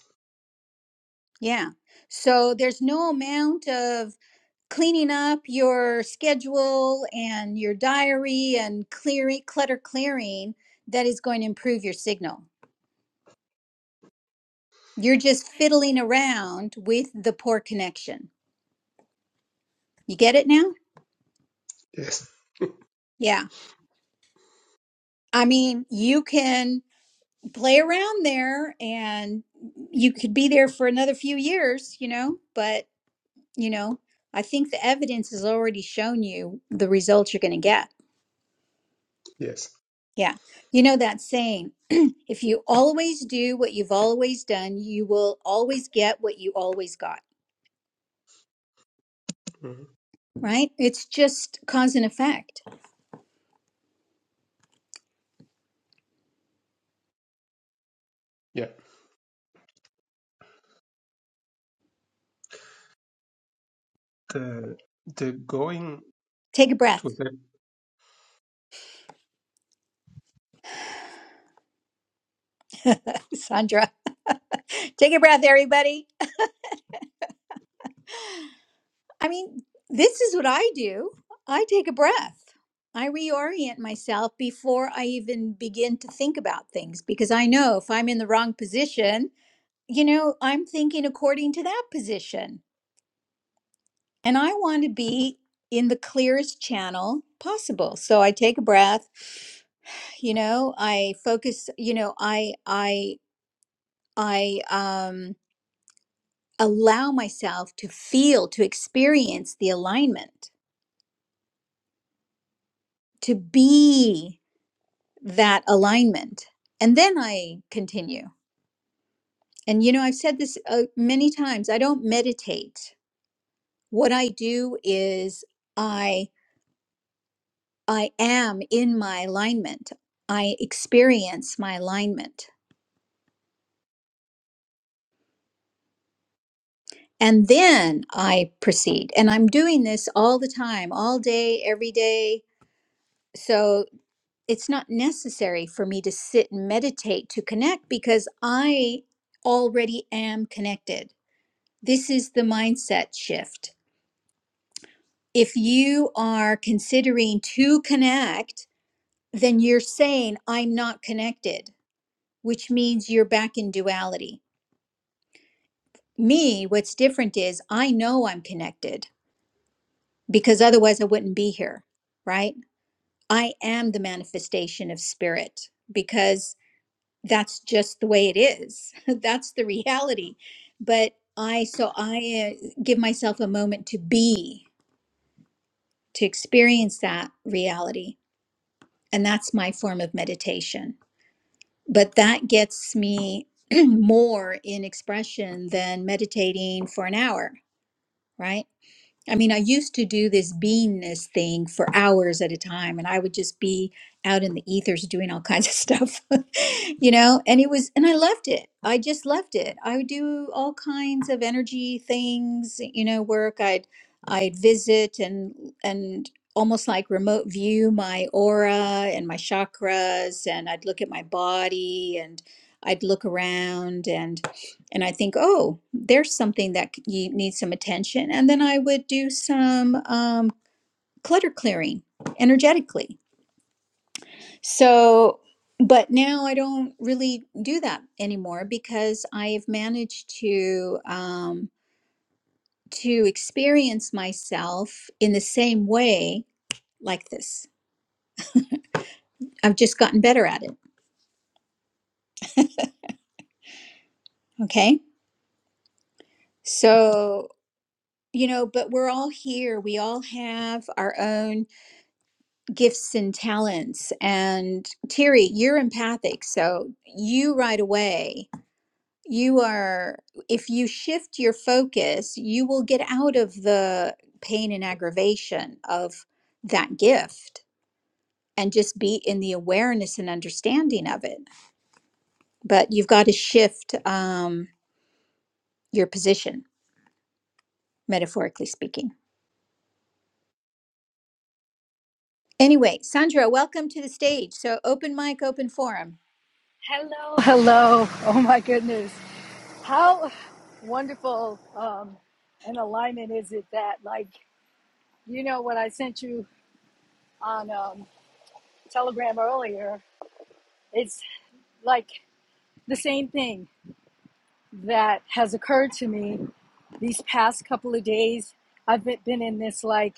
S1: yeah so there's no amount of cleaning up your schedule and your diary and clearing clutter clearing that is going to improve your signal you're just fiddling around with the poor connection You get it now?
S2: Yes.
S1: Yeah. I mean, you can play around there and you could be there for another few years, you know, but, you know, I think the evidence has already shown you the results you're going to get.
S2: Yes.
S1: Yeah. You know that saying, if you always do what you've always done, you will always get what you always got,
S2: Mhm.
S1: right? It's just cause and effect.
S2: Yeah. The the going
S1: Take a
S2: to
S1: breath,
S2: that
S1: Sandra. Take a breath, everybody. I mean, this is what I do. I take a breath. I reorient myself before I even begin to think about things because I know if I'm in the wrong position, you know, I'm thinking according to that position. And I want to be in the clearest channel possible. So I take a breath, you know, I focus, you know, I I I um allow myself to feel, to experience the alignment, to be that alignment. And then I continue. And you know, I've said this uh, many times. I don't meditate. What I do is I I am in my alignment. I experience my alignment. And then I proceed. And I'm doing this all the time, all day, every day. So it's not necessary for me to sit and meditate to connect because I already am connected. This is the mindset shift if you are considering to connect, then you're saying, I'm not connected, which means you're back in duality. Me, what's different is I know I'm connected because otherwise I wouldn't be here, right? I am the manifestation of spirit because that's just the way it is. that's the reality. But I, so I uh, give myself a moment to be, to experience that reality. And that's my form of meditation. but that gets me more in expression than meditating for an hour, right? I mean, I used to do this beingness thing for hours at a time, and I would just be out in the ethers doing all kinds of stuff, you know. And it was, and I loved it. I just loved it. I would do all kinds of energy things, you know, work. I'd, I'd visit and and almost like remote view my aura and my chakras, and I'd look at my body, and I'd look around, and I think, oh, there's something that c- you need some attention. And then I would do some um, clutter clearing energetically. So, but now I don't really do that anymore because I have managed to um, to experience myself in the same way like this. I've just gotten better at it. Okay, so you know, but we're all here. We all have our own gifts and talents. And Terry, you're empathic. So you right away, you are, if you shift your focus, you will get out of the pain and aggravation of that gift and just be in the awareness and understanding of it. But you've got to shift um, your position, metaphorically speaking. Anyway, Sandra, welcome to the stage. So open mic, open forum.
S4: Hello, hello. Oh my goodness. How wonderful um, an alignment is it that, like, you know, what I sent you on um, Telegram earlier, it's like the same thing that has occurred to me these past couple of days. I've been been in this, like,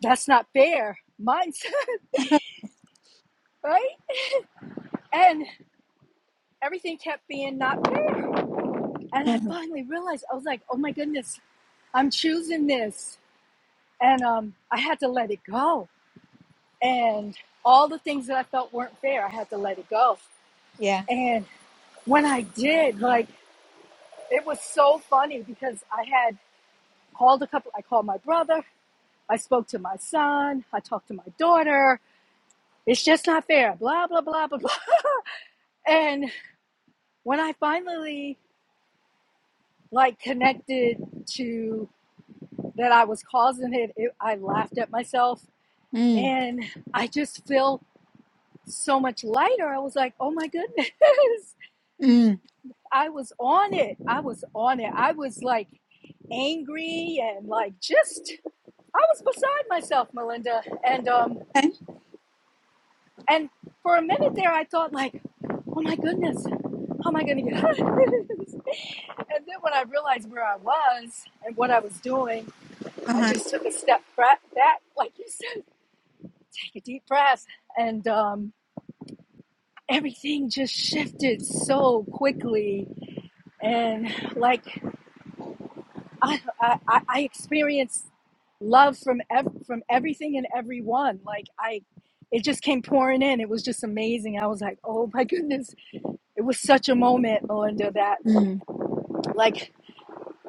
S4: that's not fair mindset, right? And everything kept being not fair. And I
S1: Mhm.
S4: finally realized, I was like, oh my goodness, I'm choosing this. and um, I had to let it go. And all the things that I felt weren't fair, I had to let it go.
S1: yeah.
S4: And when I did, like it was so funny because I had called a couple. I called my brother. I spoke to my son. I talked to my daughter. It's just not fair. Blah blah blah blah blah. And when I finally like connected to that I was causing it, it I laughed at myself
S1: Mm.
S4: and I just feel so much lighter. I was like, oh my goodness.
S1: Mm.
S4: I was on it. I was on it. I was like angry and like just I was beside myself, Melinda. And um
S1: Okay.
S4: and for a minute there I thought like, oh my goodness, how am I gonna get out of this? And then when I realized where I was and what I was doing, I
S1: Uh-huh.
S4: just took a step back, like you said, take a deep breath, and um, everything just shifted so quickly. And like I, I, I experienced love from ev- from everything and everyone. Like I, it just came pouring in. It was just amazing. I was like, oh my goodness, it was such a moment, Melinda. That
S1: Mm.
S4: like,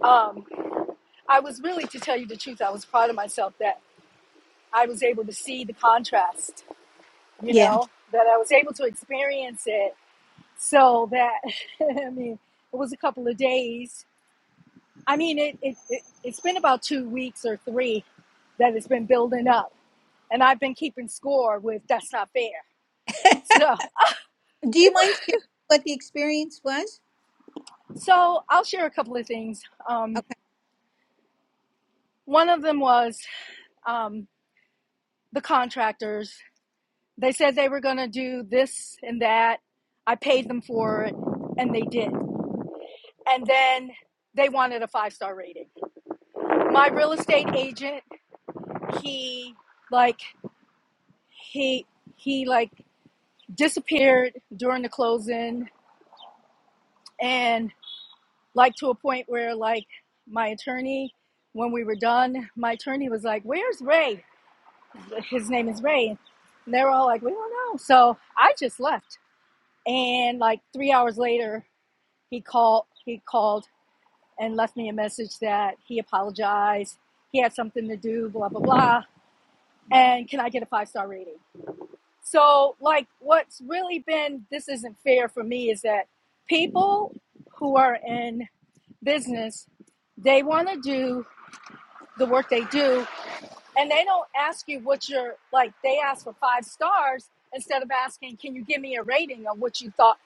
S4: um, I was really to tell you the truth, I was proud of myself that I was able to see the contrast. You
S1: Yeah.
S4: know that I was able to experience it. So that I mean, it was a couple of days. I mean, it, it, it it's been about two weeks or three that it's been building up and I've been keeping score with that's not fair. So,
S1: Do you mind sharing what the experience was?
S4: so I'll share a couple of things. Um,
S1: Okay.
S4: one of them was um, the contractors. They said they were going to do this and that. I paid them for it, and they did. And then they wanted a five star rating. My real estate agent, he like he he like disappeared during the closing, and like to a point where like my attorney when we were done my attorney was like where's ray his name is ray and they were all like we don't know so i just left and like three hours later he called he called and left me a message that he apologized he had something to do blah blah blah and can i get a five star rating so like what's really been this isn't fair for me is that people who are in business they want to do the work they do. And they don't ask you what you're like, they ask for five stars instead of asking, can you give me a rating on what you thought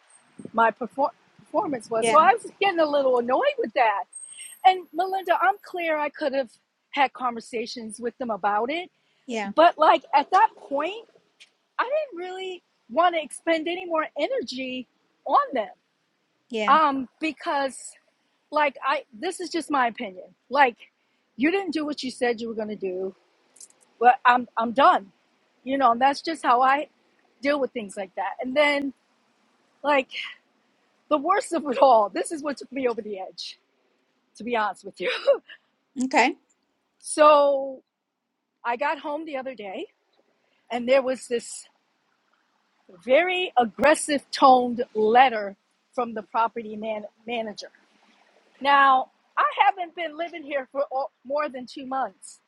S4: my perform- performance was? So
S1: Yeah.
S4: I was getting a little annoyed with that. And Melinda, I'm clear I could have had conversations with them about it.
S1: Yeah.
S4: But like at that point, I didn't really want to expend any more energy on them.
S1: Yeah.
S4: Um, because like I this is just my opinion. Like you didn't do what you said you were gonna do. but I'm I'm done. You know, and that's just how I deal with things like that. And then like the worst of it all, this is what took me over the edge, to be honest with you.
S1: Okay.
S4: So I got home the other day and there was this very aggressive toned letter from the property man- manager. Now, I haven't been living here for all, more than 2 months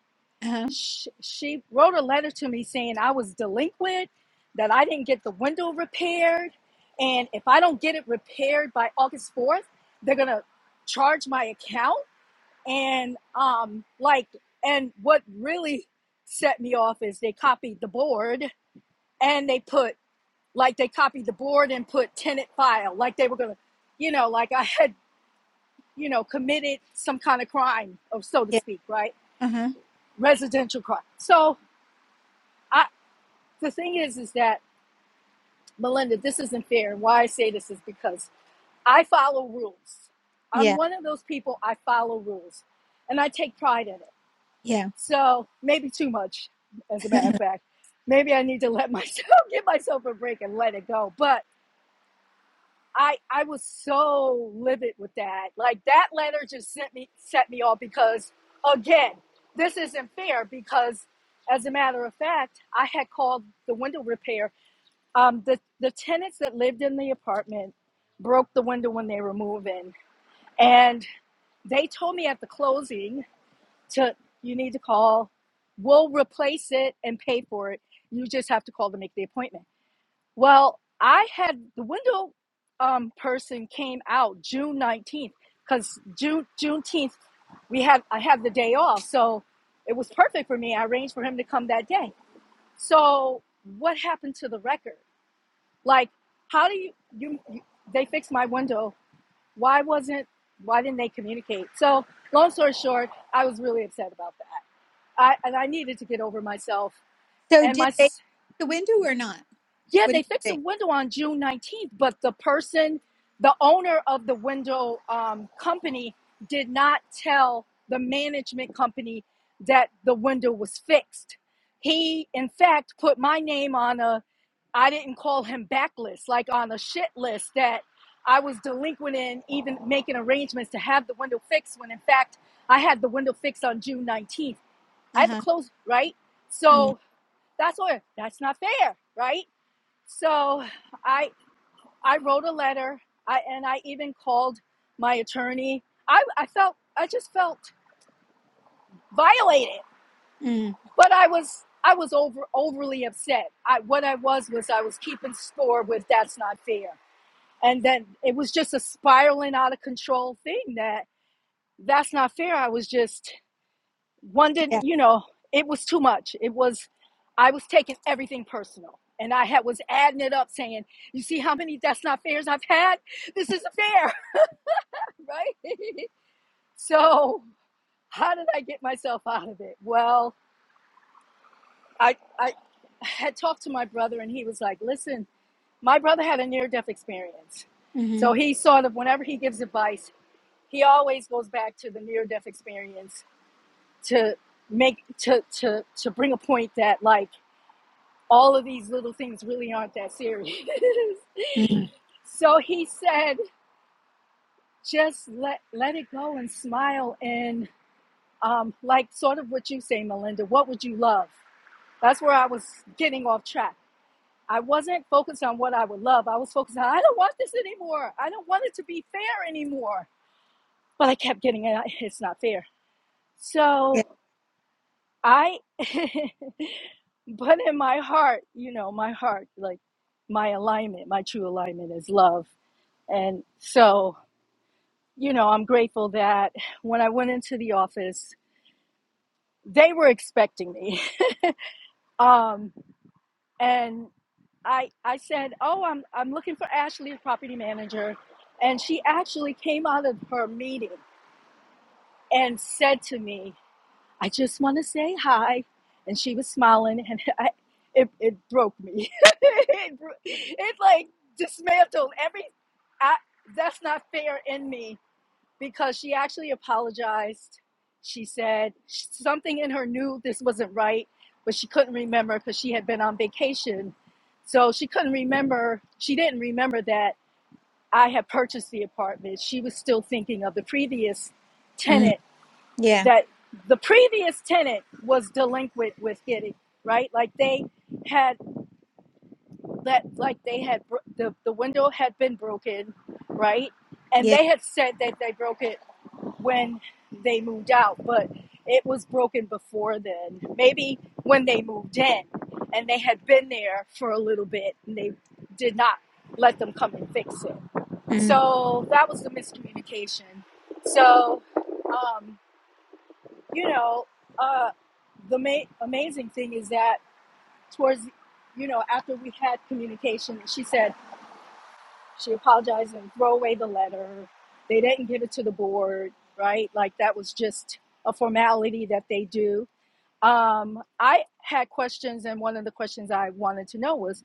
S1: Uh-huh.
S4: she, she wrote a letter to me saying I was delinquent, that I didn't get the window repaired, and if I don't get it repaired by August 4th, they're gonna charge my account. And um, like, and what really set me off is they copied the board and they put like they copied the board and put tenant file, like they were gonna, you know, like I had, you know, committed some kind of crime, or so to
S1: Yeah.
S4: speak, right?
S1: Uh-huh.
S4: Residential crime. So. I. the thing is, is that Melinda, this isn't fair. And why I say this is because I follow rules. I'm
S1: Yeah.
S4: one of those people. I follow rules, and I take pride in it.
S1: Yeah.
S4: So maybe too much, as a matter of fact. Maybe I need to let myself give myself a break and let it go. But I I was so livid with that. Like that letter just sent me set me off because again, this isn't fair because as a matter of fact, I had called the window repair um, the the tenants that lived in the apartment broke the window when they were moving, and they told me at the closing to you need to call. We'll replace it and pay for it. You just have to call to make the appointment. Well, I had the window um, person came out June nineteenth because June Juneteenth we had I had the day off, so it was perfect for me. I arranged for him to come that day. So what happened to the record? Like, how do you, you, you they fixed my window. Why wasn't, why didn't they communicate? So long story short, I was really upset about that. I, and I needed to get over myself
S1: so
S4: and my,
S1: did they hit the window or not?
S4: yeah,
S1: What do you
S4: they fixed the
S1: think?
S4: window on June 19th, but the person, the owner of the window um, company did not tell the management company that the window was fixed. He, in fact, put my name on a I didn't call him backlist, like on a shit list that I was delinquent in, even making arrangements to have the window fixed when in fact I had the window fixed on June 19th. I had to
S1: Uh-huh.
S4: close, right?
S1: Mm.
S4: So that's what, that's not fair, right? So I, I wrote a letter I, and I even called my attorney. I, I felt, I just felt violated,
S1: Mm.
S4: but I was, I was over, overly upset. I, what I was, was I was keeping score with that's not fair and then it was just a spiraling out of control thing that that's not fair i was just wondering
S1: Yeah.
S4: you know it was too much it was i was taking everything personal and i had was adding it up saying you see how many that's not fairs i've had this isn't fair right so how did i get myself out of it well i i had talked to my brother and he was like listen my brother had a near death experience
S1: Mm-hmm.
S4: so he sort of whenever he gives advice he always goes back to the near death experience to make to to to bring a point that like all of these little things really aren't that serious
S1: Mm.
S4: so he said just let let it go and smile and um like sort of what you say melinda what would you love that's where i was getting off track i wasn't focused on what i would love i was focused on i don't want this anymore i don't want it to be fair anymore but i kept getting it it's not fair
S1: Yeah.
S4: so I, but in my heart, you know, my heart, like my alignment, my true alignment is love. And so, you know, I'm grateful that when I went into the office, they were expecting me. Um, and I, I said, Oh, I'm, I'm looking for Ashley, the property manager. And she actually came out of her meeting and said to me, I just want to say hi. And she was smiling, and I, it, it broke me. it, bro- it like dismantled every. I, that's not fair in me because she actually apologized. She said sh- something in her knew this wasn't right, but she couldn't remember because she had been on vacation. So she couldn't remember. She didn't remember that I had purchased the apartment. She was still thinking of the previous
S1: Mm.
S4: tenant
S1: Yeah.
S4: that the previous tenant was delinquent with getting right like they had that like they had bro- the, the window had been broken right and
S1: Yeah.
S4: they had said that they broke it when they moved out but it was broken before then maybe when they moved in and they had been there for a little bit and they did not let them come and fix it
S1: Mm.
S4: so that was the miscommunication so um you know, uh, the ma- amazing thing is that towards, you know, after we had communication, she said she apologized and throw away the letter. They didn't give it to the board, right? Like that was just a formality that they do. Um, I had questions, and one of the questions I wanted to know was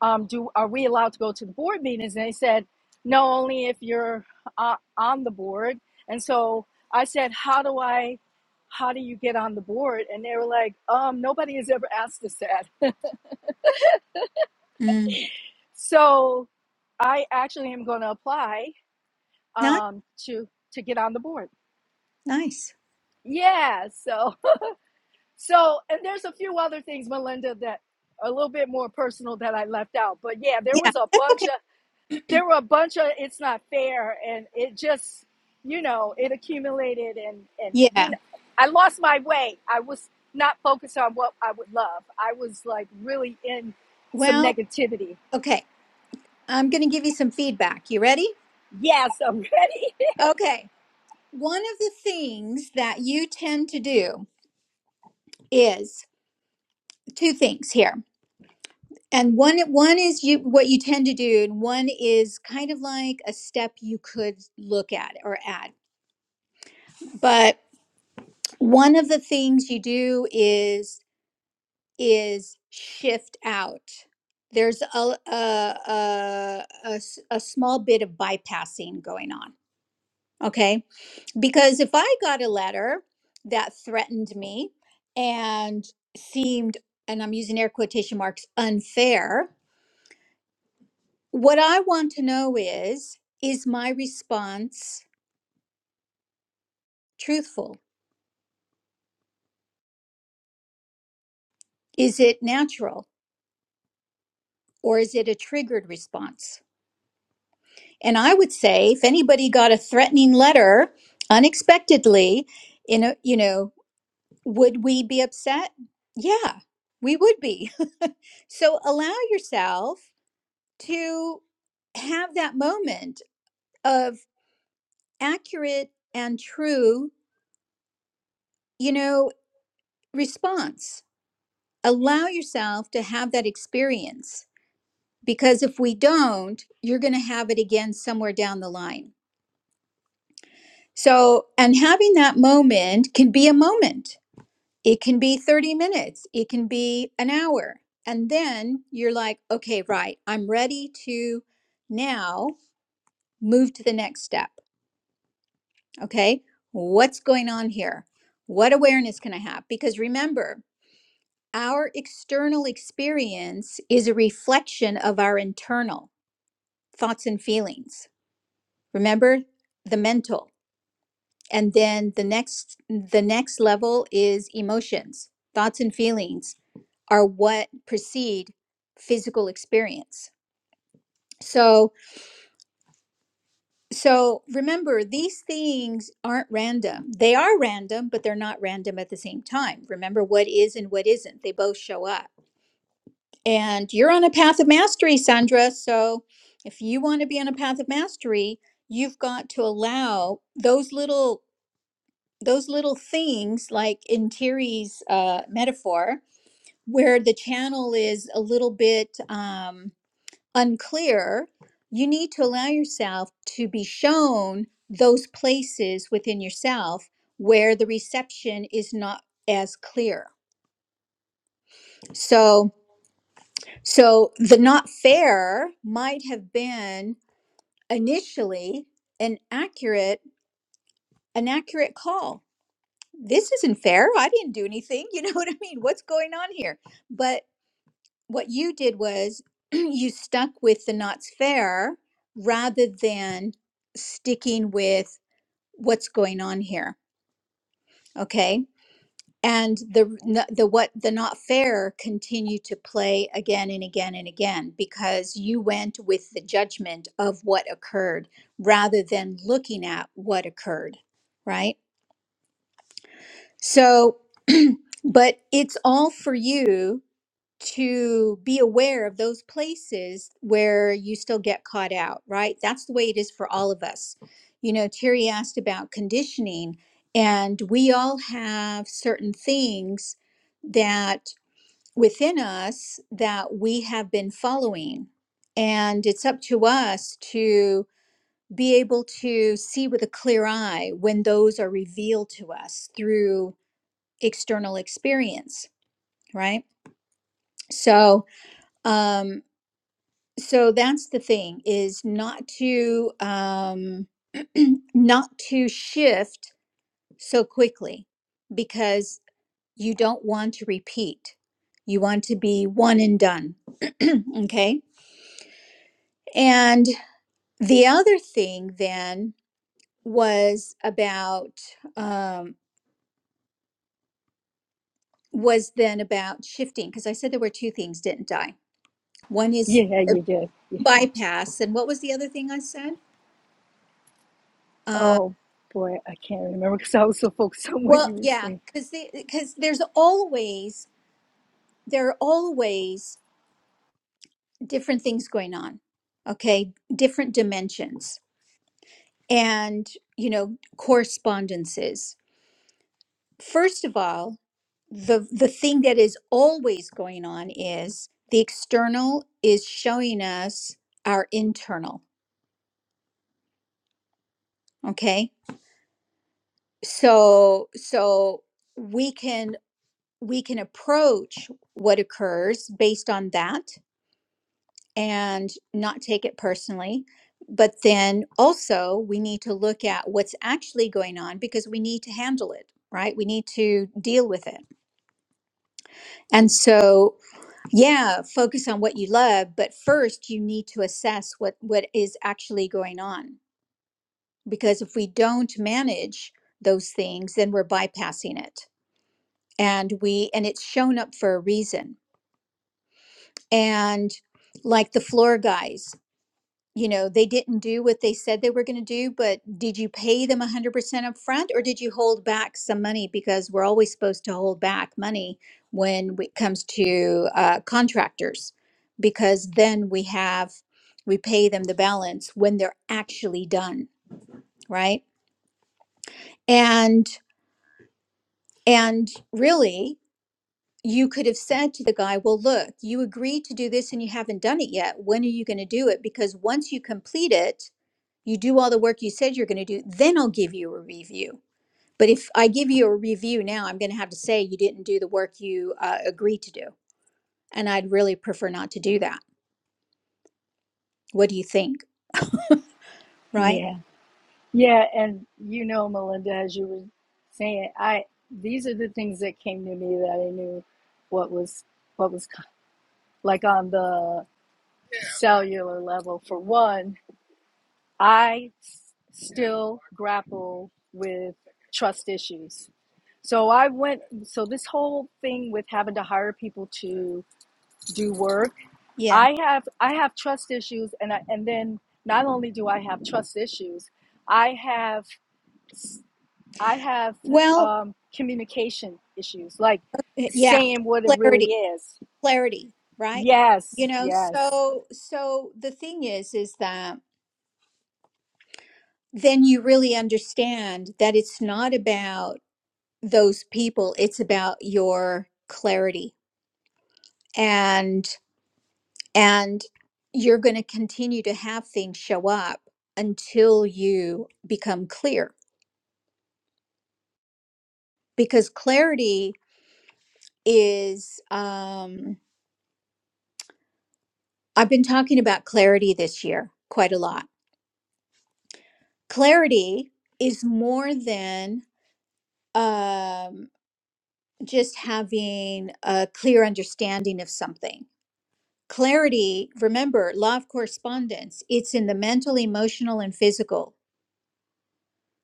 S4: um, do are we allowed to go to the board meetings? And they said, no, only if you're uh, on the board. And so I said, how do I, how do you get on the board? And they were like, um, nobody has ever asked us that.
S1: Mm.
S4: So I actually am going to apply
S1: Nice.
S4: um, to to get on the board.
S1: Nice.
S4: Yeah. So so and there's a few other things, Melinda, that are a little bit more personal that I left out. But yeah, there
S1: Yeah,
S4: was a
S1: that's
S4: bunch
S1: okay.
S4: of there were a bunch of it's not fair and it just you know it accumulated and and you
S1: Yeah.
S4: know i lost my way i was not focused on what i would love i was like really in some
S1: Well,
S4: negativity
S1: okay. I'm going to give you some feedback. You ready?
S4: yes i'm ready
S1: Okay. One of the things that you tend to do is two things here. And one one is you what you tend to do and one is kind of like a step you could look at or add. But one of the things you do is is shift out. There's a a a, a s- a small bit of bypassing going on, okay? Because if I got a letter that threatened me and seemed, and I'm using air quotation marks, unfair, what I want to know is is my response truthful? Is it natural? Or is it a triggered response? And I would say if anybody got a threatening letter unexpectedly, in a, you know, would we be upset? Yeah, we would be. so allow yourself to have that moment of accurate and true, you know, response. Allow yourself to have that experience because if we don't, you're going to have it again somewhere down the line. So, and having that moment can be a moment. It can be 30 minutes, it can be an hour. And then you're like, okay, right, I'm ready to now move to the next step. Okay, what's going on here? What awareness can I have? Because remember, our external experience is a reflection of our internal thoughts and feelings. Remember the mental. And then the next the next level is emotions. Thoughts and feelings are what precede physical experience. So So remember, these things aren't random. They are random, but they're not random at the same time. Remember what is and what isn't. They both show up. And you're on a path of mastery, Sandra. So if you want to be on a path of mastery, you've got to allow those little those little things like in Terry's uh, metaphor, where the channel is a little bit um, unclear, you need to allow yourself to be shown those places within yourself where the reception is not as clear. So, so the not fair might have been initially an accurate an accurate call. This isn't fair. I didn't do anything. You know what I mean? What's going on here? But. what you did was you stuck with the knots fair rather than sticking with what's going on here okay and the the what the not fair continued to play again and again and again because you went with the judgment of what occurred rather than looking at what occurred right so but it's all for you to be aware of those places where you still get caught out, right? That's the way it is for all of us. You know, Terry asked about conditioning, and we all have certain things that within us that we have been following. And it's up to us to be able to see with a clear eye when those are revealed to us through external experience, right? So, um. so that's the thing is not to um not to shift so quickly because you don't want to repeat you want to be one and done okay and the other thing then was about um was then about shifting because i said there were two things didn't i one is
S4: yeah you did yeah.
S1: bypass and what was the other thing i said uh
S4: oh boy i can't remember because i was so focused on what you
S1: well
S4: were
S1: yeah
S4: saying
S1: because because there's always there are always different things going on okay different dimensions and you know correspondences first of all the the thing that is always going on is the external is showing us our internal okay so so we can we can approach what occurs based on that and not take it personally. But then also, we need to look at what's actually going on because we need to handle it, right? We need to deal with it. And so, yeah, focus on what you love, but first you need to assess what what is actually going on because if we don't manage those things, then we're bypassing it. And we and it's shown up for a reason. And like the floor guys. you know they didn't do what they said they were going to do but did you pay them 100% up front or did you hold back some money because we're always supposed to hold back money when it comes to uh, contractors because then we have we pay them the balance when they're actually done right and and really you could have said to the guy well look you agreed to do this and you haven't done it yet when are you going to do it because once you complete it you do all the work you said you're going to do, then I'll give you a review. But if I give you a review now, I'm going to have to say you didn't do the work you uh, agreed to do. And I'd really prefer not to do that. What do you think? Right?
S4: yeah yeah and you know melinda as you were saying i these are the things that came to me that i knew what was what was co- like on the cellular level. For one, I s- still grapple with trust issues. So I went, so this whole thing with having to hire people to do work,
S1: Yeah.
S4: I have I have trust issues and I, and then not only do I have trust issues, I have I have
S1: Well,
S4: um, communication issues, like
S1: eh, yeah,
S4: saying what it
S1: clarity,
S4: really is.
S1: clarity, right?
S4: Yes,
S1: You know,
S4: yes,
S1: so so the thing is is that then you really understand that it's not about those people, it's about your clarity. and. and you're going to continue to have things show up until you become clear because clarity is um I've been talking about clarity this year quite a lot. Clarity is more than um just having a clear understanding of something. Clarity, remember, law of correspondence, it's in the mental, emotional and physical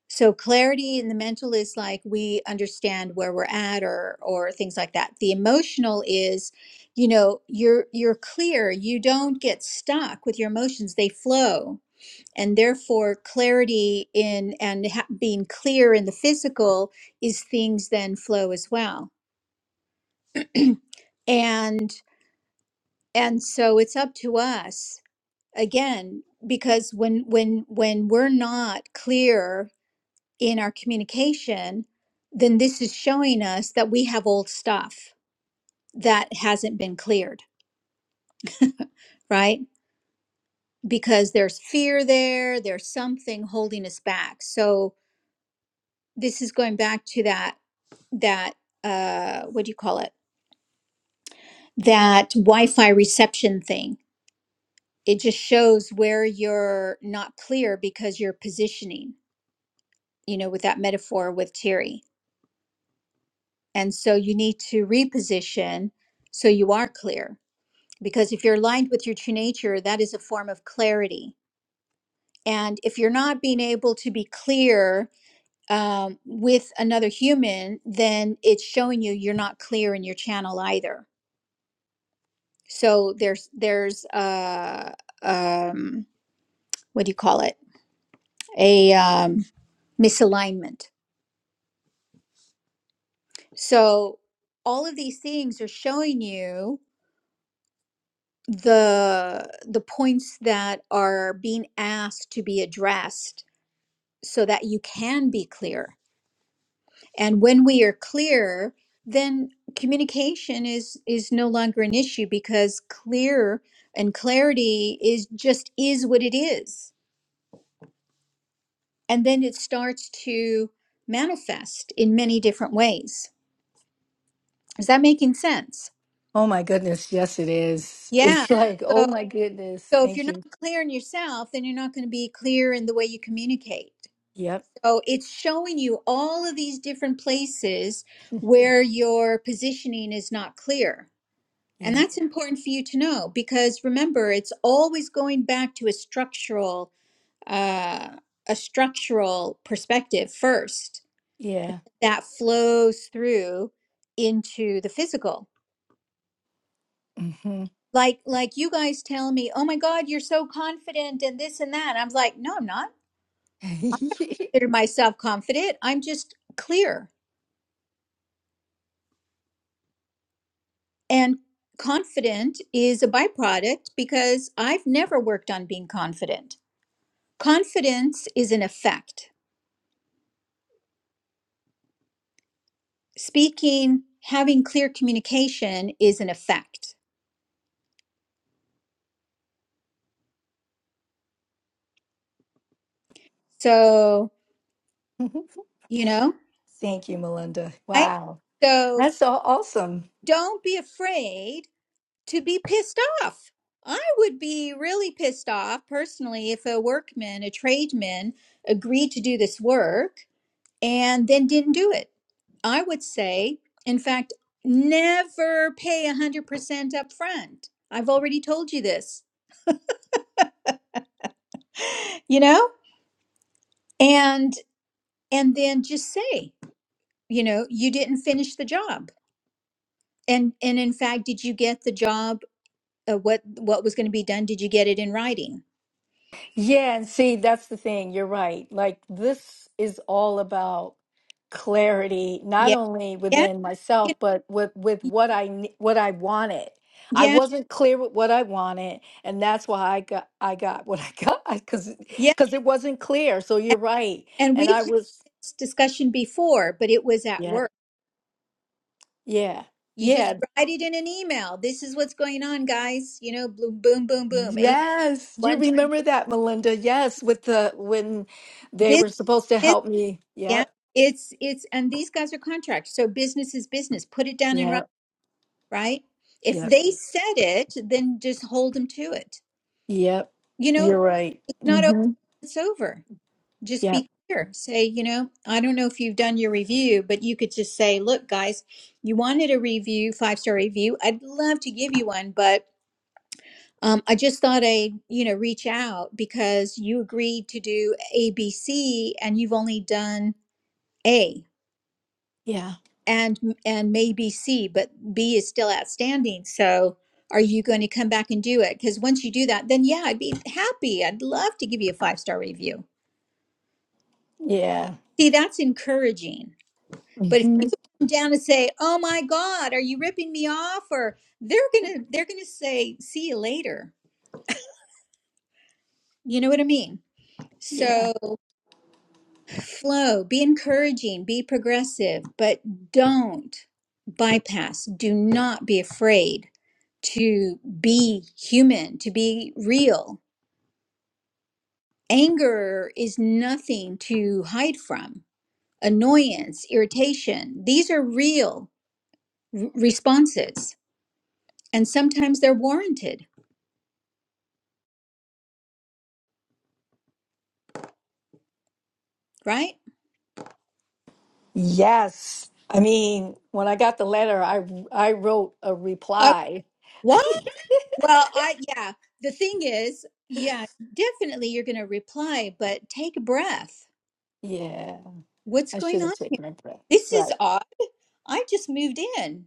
S1: So clarity in the mental is like we understand where we're at or or things like that. The emotional is, you know, you're you're clear, you don't get stuck with your emotions, they flow. And therefore clarity in and ha- being clear in the physical is things then flow as well. And and so it's up to us again because when when when we're not clear in our communication, then this is showing us that we have old stuff that hasn't been cleared, right? Because there's fear there, there's something holding us back. So this is going back to that that uh what do you call it? That Wi-Fi reception thing. It just shows where you're not clear because you're positioning, you know, with that metaphor with Terry. And so you need to reposition so you are clear because if you're aligned with your true nature that is a form of clarity and if you're not being able to be clear um, with another human then it's showing you you're not clear in your channel either so there's there's uh um what do you call it a um misalignment so all of these things are showing you the the points that are being asked to be addressed so that you can be clear and when we are clear then communication is is no longer an issue because clear and clarity is just is what it is and then it starts to manifest in many different ways is that making sense
S4: Oh my goodness, yes it is.
S1: yeah
S4: It's Yeah. like,
S1: so
S4: oh my goodness,
S1: so if you're
S4: thank
S1: not
S4: you.
S1: clear in yourself then you're not going to be clear in the way you communicate
S4: Yep,
S1: so it's showing you all of these different places where your positioning is not clear And
S4: yep,
S1: that's important for you to know because remember, it's always going back to a structural, uh, a structural perspective first
S4: yeah.
S1: that flows through into the physical.
S4: hmm
S1: Like, like you guys tell me, oh my God, you're so confident and this and that. I'm like, no, I'm not. I consider myself confident. I'm just clear and confident is a byproduct because I've never worked on being confident. Confidence is an effect speaking, having clear communication is an effect. So, you know,
S4: thank you, Melinda.
S1: right?
S4: Wow,
S1: So
S4: that's so awesome.
S1: don't be afraid to be pissed off. I would be really pissed off personally if a workman, a tradesman agreed to do this work and then didn't do it. I would say, in fact, never pay 100% up front. I've already told you this, you know? And and then just say you know you didn't finish the job and and in fact did you get the job uh, what what was going to be done did you get it in writing
S4: Yeah, and see, that's the thing. You're right. Like, this is all about clarity,
S1: yeah
S4: not only
S1: yeah
S4: within
S1: you
S4: myself, but with with
S1: know,
S4: what I ne- what I wanted. I
S1: yeah
S4: wasn't clear with what I wanted, and that's why I got I got what I got because
S1: yeah
S4: because it wasn't clear. So
S1: and,
S4: you're right,
S1: and
S4: and
S1: we've
S4: I
S1: had
S4: was
S1: this discussion before but it was at
S4: yeah
S1: work
S4: yeah
S1: you just
S4: yeah
S1: write it in an email this is what's going on guys you know boom boom boom boom a B,
S4: yes. You
S1: one two
S4: remember that, Melinda? Yes, with the when they
S1: business
S4: were supposed to help me.
S1: yeah
S4: Yep,
S1: it's it's and these guys are contractors so business is business put it down in writing
S4: yep,
S1: right if
S4: yep.
S1: they said it then just hold them to it
S4: Yep,
S1: you know,
S4: you're right.
S1: it's not over.
S4: Mm-hmm.
S1: It's over. Just
S4: Yep.
S1: be clear. Say, you know, I don't know if you've done your review, but you could just say, look, guys, you wanted a review, five star review. I'd love to give you one, but um, I just thought I'd, you know, reach out because you agreed to do A, B, C, and you've only done A
S4: Yeah.
S1: and and maybe C, but B is still outstanding. So are you going to come back and do it? Because once you do that, then yeah, I'd be happy. I'd love to give you a five star review
S4: Yeah.
S1: See, that's encouraging. But if
S4: hmm
S1: you come down and say, "Oh my God, are you ripping me off?" or they're gonna they're gonna say, "See you later." You know what I mean?
S4: Yeah.
S1: So flow, be encouraging, be progressive, but don't bypass. Do not be afraid to be human, to be real. Anger is nothing to hide from. Annoyance, irritation, these are real r- responses and sometimes they're warranted, right?
S4: Yes. I mean, when I got the letter, I I wrote a
S1: Uh,
S4: reply.
S1: what? Well, I yeah. The thing is, yeah, definitely you're going to reply, but take a breath.
S4: yeah.
S1: What's
S4: I
S1: going
S4: should have
S1: on?
S4: taken a breath.
S1: This is
S4: Right.
S1: odd. I just moved in.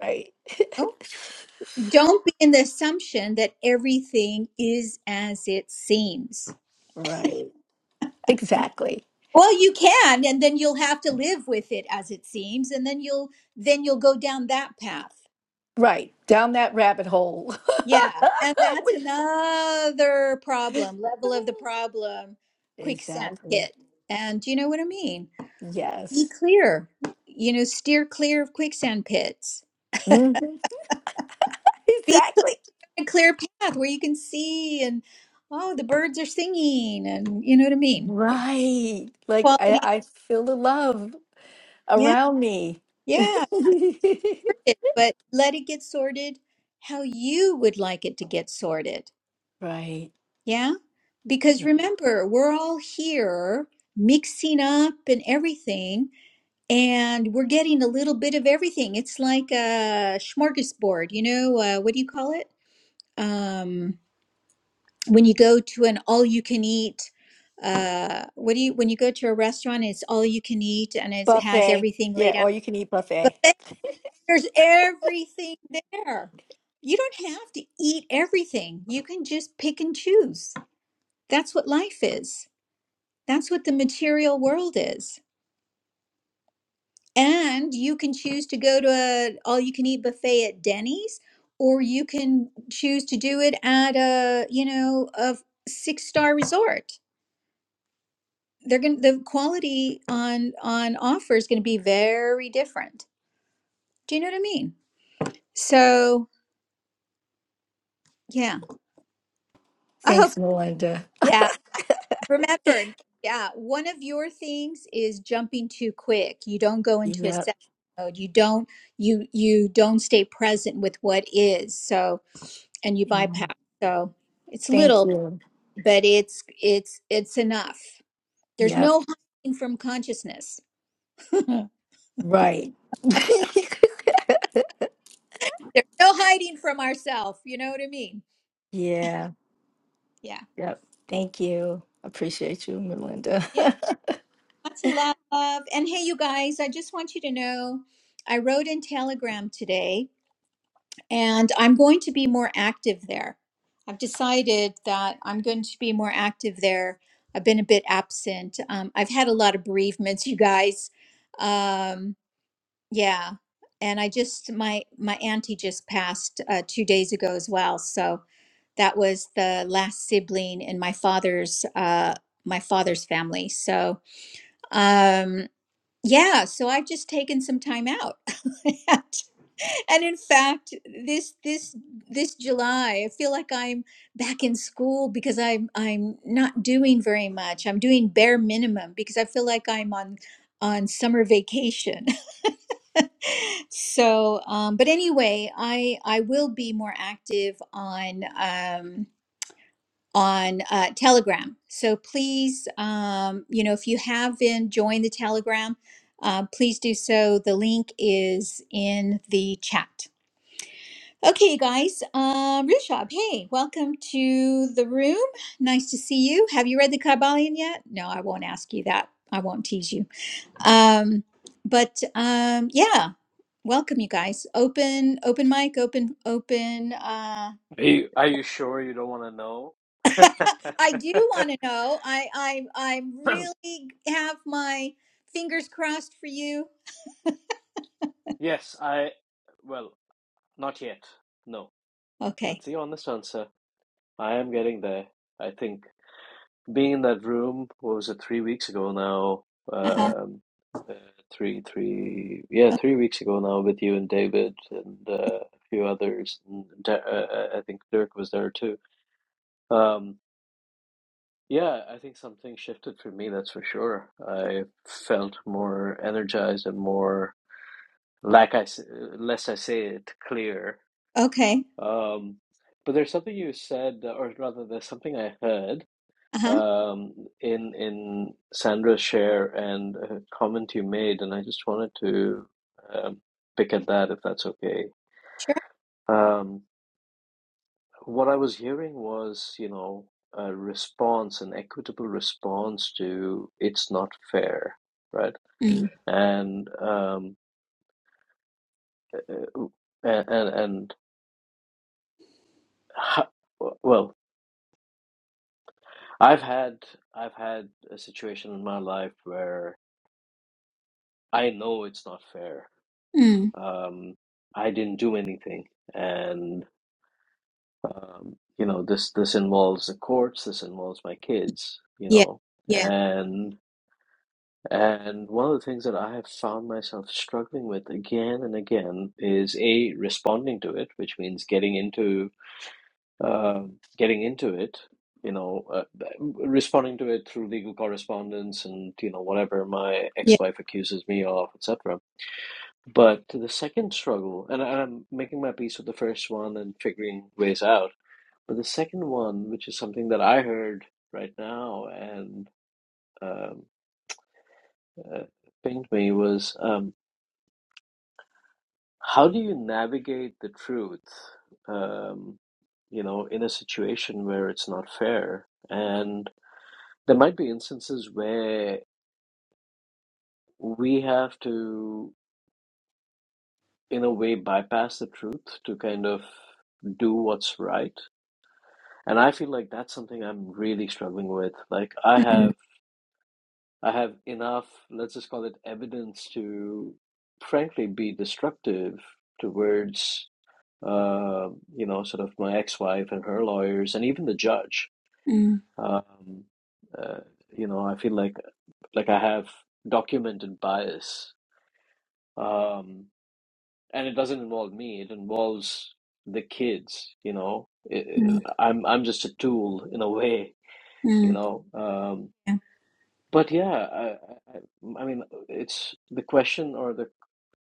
S4: Right.
S1: Oh, don't be in the assumption that everything is as it seems.
S4: right. Exactly.
S1: Well, you can, and then you'll have to live with it as it seems, and then you'll then you'll go down that path.
S4: Right. Down that rabbit hole.
S1: Yeah, and that's
S4: Which
S1: another
S4: is
S1: problem, level of the problem, quicksand
S4: exactly.
S1: pit. And do you know what I mean? Be
S4: Yes.
S1: clear. You know, steer clear of quicksand pits.
S4: hmm
S1: Be
S4: Exactly.
S1: on a clear path where you can see and oh, the birds are singing and you know what I mean?
S4: Right. Like I,
S1: Quality.
S4: I feel the love
S1: Yeah,
S4: around me.
S1: yeah. It- But let it get sorted how you would like it to get sorted.
S4: Right.
S1: Yeah? Because
S4: Yeah.
S1: remember, we're all here mixing up and everything And we're getting a little bit of everything. It's like a smorgasbord, you know, uh, what do you call it? Um, when you go to an all you can eat, uh, what do you, when you go to a restaurant, it's all you can eat and it's, it has
S4: Buffet.
S1: everything
S4: Yeah,
S1: laid out.
S4: or you can eat
S1: But
S4: buffet.
S1: then there's everything there. You don't have to eat everything. You can just pick and choose. That's what life is. That's what the material world is. And you can choose to go to a all you can eat buffet at Denny's, or you can choose to do it at a, you know, a six star resort. They're gonna the quality on on offer is gonna be very different. Do you know what I mean? So yeah. I
S4: Thanks,
S1: hope
S4: Melinda.
S1: yeah. Remember, yeah, one of your things is jumping too quick. You don't go into a
S4: Yep.
S1: set mode. You don't you you don't stay present with what is. So and you
S4: Yeah.
S1: bypass. So it's
S4: Thank
S1: little,
S4: you.
S1: but it's it's it's enough. There's
S4: Yep.
S1: no hiding from consciousness. There's
S4: Right.
S1: no hiding from ourself. You know what I mean?
S4: Yeah.
S1: Yeah.
S4: Yep. Thank you. Appreciate you, Melinda.
S1: Yeah. Lots of love. And hey, you guys, I just want you to know I wrote in Telegram today and I'm going to be more active there. I've decided that I'm going to be more active there. I've been a bit absent. Um, I've had a lot of bereavements, you guys. Um, Yeah. And I just my my auntie just passed uh, two days ago as well. So that was the last sibling in my father's uh my father's family. So um yeah, so I've just taken some time out. and and in fact, this this this July, I feel like I'm back in school because I'm I'm not doing very much. I'm doing bare minimum because I feel like I'm on on summer vacation. so um, but anyway i i will be more active on um on uh, telegram so please um you know if you haven't joined the telegram uh, please do so the link is in the chat okay you guys um rishab hey welcome to the room nice to see you have you read the kabbalion yet no i won't ask you that i won't tease you um but um yeah welcome you guys open open mic open open uh
S5: Are you, are you sure you don't want to
S1: i do want to know i i i
S5: know?
S1: really have my fingers crossed for you
S5: yes, I. Well, not yet. No,
S1: okay
S5: that's the honest answer. I am getting there. I think being in that room, what was it, three weeks ago now?
S1: uh-huh
S5: Um, uh, three, three, yeah, three weeks ago now with you and David and uh, a few others. And, Der- uh, uh, I think Dirk was there too. Um, Yeah, I think something shifted for me, that's for sure. I felt more energized and more, like I, s- less I say it, clear.
S1: okay
S5: Um, but there's something you said, or rather, there's something I heard
S1: uh-huh
S5: um, in in Sandra's share and a comment you made, and I just wanted to um, pick at that if that's okay.
S1: sure
S5: Um, What I was hearing was, you know, a response, an equitable response to it's not fair, right?
S1: mm.
S5: And um, uh, and and, and ha- well, I've had I've had a situation in my life where I know it's not fair.
S1: Mm.
S5: Um, I didn't do anything, and um, you know, this this involves the courts, this involves my kids, you
S1: yeah
S5: know,
S1: yeah
S5: and. And one of the things that I have found myself struggling with again and again is A, responding to it, which means getting into um getting into it, you know, uh, responding to it through legal correspondence and, you know, whatever my
S1: yeah
S5: ex-wife accuses me of, etc. But the second struggle, and I- am making my peace with the first one and figuring ways out, but the second one, which is something that I heard right now and um, uh, pinged me, was. um, How do you navigate the truth, um, you know, in a situation where it's not fair? And there might be instances where we have to, in a way, bypass the truth to kind of do what's right. And I feel like that's something I'm really struggling with. Like I
S1: mm.
S5: have, I have enough, let's just call it evidence to, frankly, be destructive towards. uh, you know, sort of my ex-wife and her lawyers, and even the judge.
S1: Mm.
S5: Um, uh, you know, I feel like like I have documented bias, um, and it doesn't involve me. It involves the kids. You know, it,
S1: Mm.
S5: I'm I'm just a tool in a way. You
S1: Mm.
S5: know, um,
S1: yeah
S5: but yeah, I, I, I mean, it's the question or the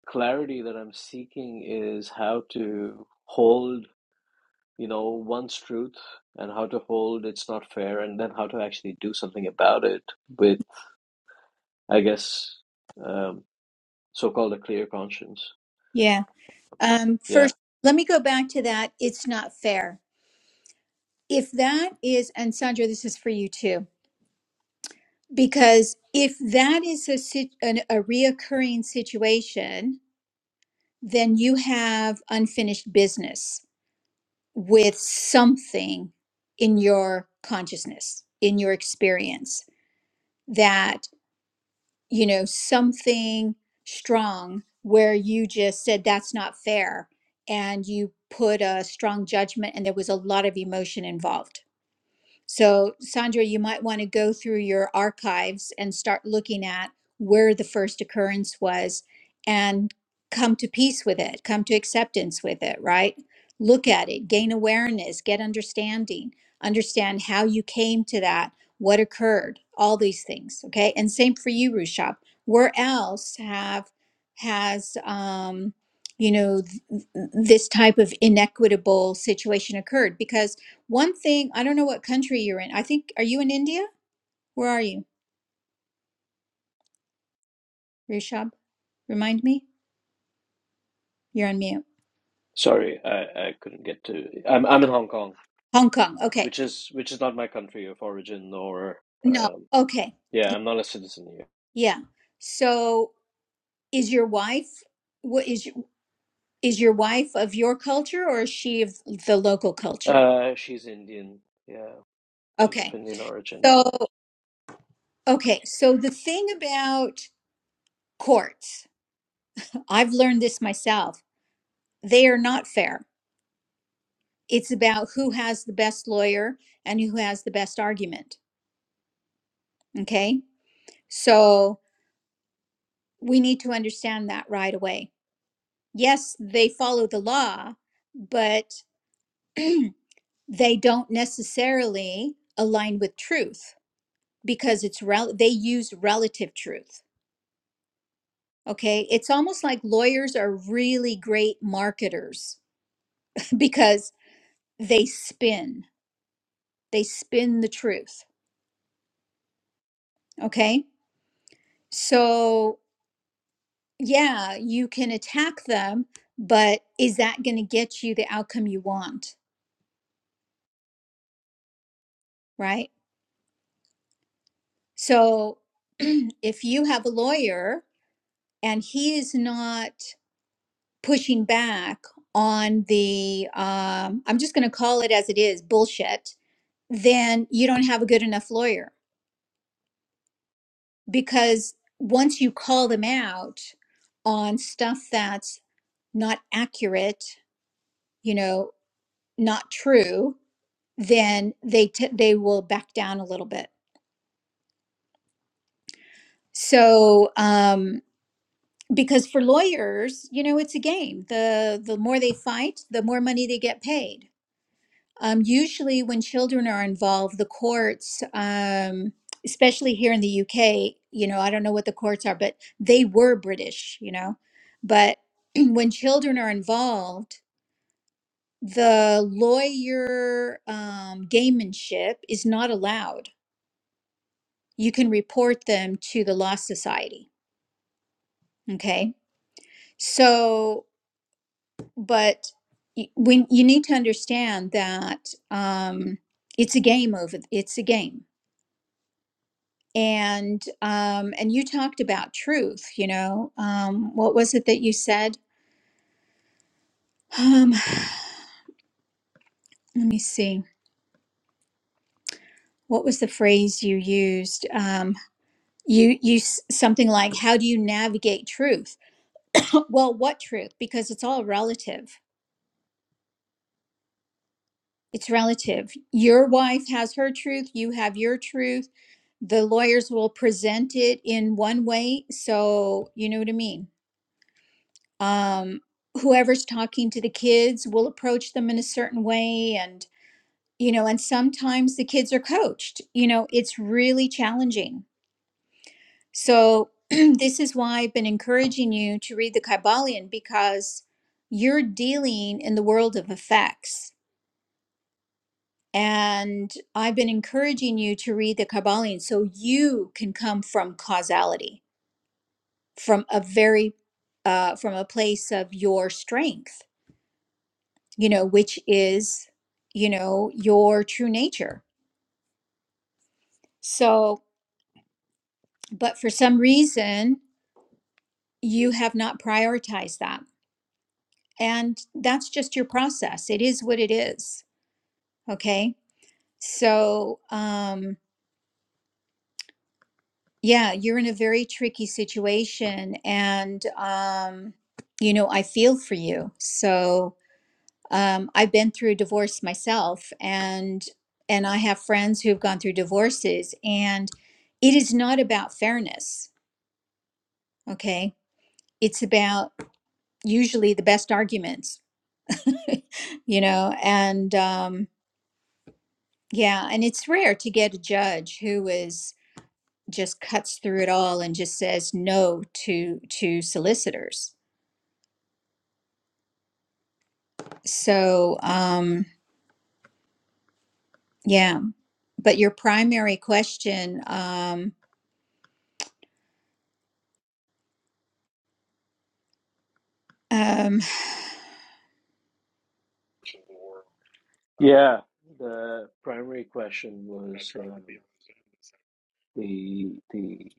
S5: clarity that I'm seeking is how to hold you know, one's truth and how to hold it's not fair, and then how to actually do something about it with, I guess, um, so-called a clear conscience.
S1: yeah um
S5: Yeah.
S1: first let me go back to that it's not fair if that is and sandra this is for you too Because if that is a, sit- an, a reoccurring situation, then you have unfinished business with something in your consciousness, in your experience, that, you know, something strong where you just said, that's not fair. And you put a strong judgment, and there was a lot of emotion involved So, Sandra, you might want to go through your archives and start looking at where the first occurrence was and come to peace with it, come to acceptance with it, right? Look at it, gain awareness, get understanding, understand how you came to that, what occurred, all these things. Okay. And same for you, Rushab. Where else have has um you know th- th- this type of inequitable situation occurred because one thing, I don't know what country you're in. I think, are you in India? Where are you, Rishab? Remind me? You're on mute.
S5: Sorry, I, I couldn't get to. I'm I'm in Hong Kong,
S1: Hong Kong. Okay.
S5: which is which is not my country of origin, or
S1: No.
S5: um,
S1: Okay.
S5: yeah,
S1: Yeah.
S5: I'm not a citizen here.
S1: Yeah. So is your wife, what is, your- is your wife of your culture or is she of the local culture?
S5: Uh, she's Indian. Yeah, she's of
S1: Okay.
S5: Indian origin.
S1: So, okay. So the thing about courts, I've learned this myself. They are not fair. It's about who has the best lawyer and who has the best argument. Okay. So we need to understand that right away. Yes, they follow the law, but they don't necessarily align with truth because it's rel- they use relative truth. Okay? It's almost like lawyers are really great marketers because they spin. They spin the truth, okay? So, yeah, you can attack them, but is that going to get you the outcome you want, right? So if you have a lawyer and he is not pushing back on the, um, I'm just going to call it as it is, bullshit, then you don't have a good enough lawyer because once you call them out on stuff that's not accurate, you know, not true, then they t- they will back down a little bit. So, um, because for lawyers you know it's a game the the more they fight the more money they get paid um, usually when children are involved the courts um, especially here in the uk you know i don't know what the courts are but they were british you know but when children are involved the lawyer um, gamemanship is not allowed you can report them to the law society okay so but y- when you need to understand that um, it's a game over it's a game and um, and you talked about truth you know um, what was it that you said um, let me see what was the phrase you used um, you you s- something like how do you navigate truth well what truth because it's all relative It's relative. Your wife has her truth, you have your truth. The lawyers will present it in one way, so you know what I mean. Um, whoever's talking to the kids will approach them in a certain way and you know, and sometimes the kids are coached. You know, it's really challenging. So this is why I've been encouraging you to read the Kybalion because you're dealing in the world of effects And I've been encouraging you to read the Kabbalion so you can come from causality, from a very, uh, from a place of your strength, you know, which is, you know, your true nature. So, but for some reason, you have not prioritized that. And that's just your process. It is what it is. Okay. So, um, Yeah, you're in a very tricky situation, and um, you know, I feel for you. So, um, I've been through divorce myself, and and I have friends who've gone through divorces, and it is not about fairness, okay? It's about usually the best arguments, you know, and um, yeah, and it's rare to get a judge who is just cuts through it all and just says no to to solicitors So, um, yeah, but your primary question, um, um,
S5: Yeah. The primary question was um, the the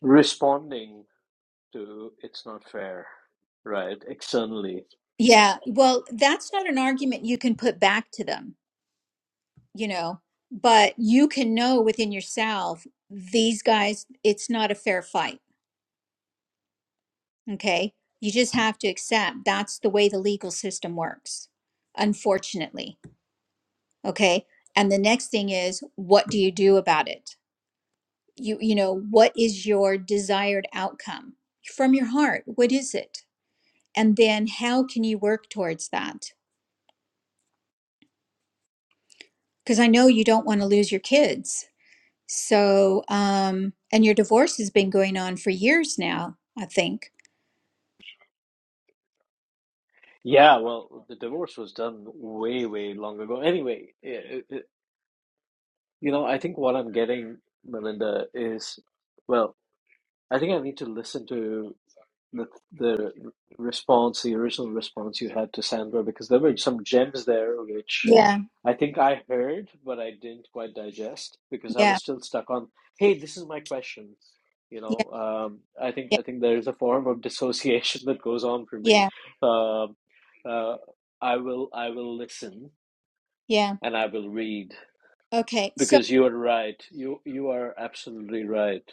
S5: responding. to It's Not Fair, right? Externally.
S1: yeah, well, that's not an argument you can put back to them, you know, but you can know within yourself, these guys, it's not a fair fight. Okay. You just have to accept that's the way the legal system works, unfortunately. Okay. And the next thing is, what do you do about it? You, you know, what is your desired outcome from your heart? What is it? And then how can you work towards that? Because I know you don't want to lose your kids. So, um, and your divorce has been going on for years now, I think.
S5: Yeah, well, the divorce was done way, way long ago. Anyway, it, it, you know, I think what I'm getting, Melinda, is well, I think I need to listen to the the response, the original response you had to Sandra, because there were some gems there which
S1: Yeah,
S5: I think I heard, but I didn't quite digest because I
S1: yeah,
S5: was still stuck on, hey, this is my question. You
S1: yeah,
S5: know, um, I think
S1: yeah,
S5: I think there is a form of dissociation that goes on for me.
S1: yeah,
S5: Um uh, I will I will listen
S1: yeah.
S5: and I will read
S1: Okay. So
S5: because you are right. You you are absolutely right.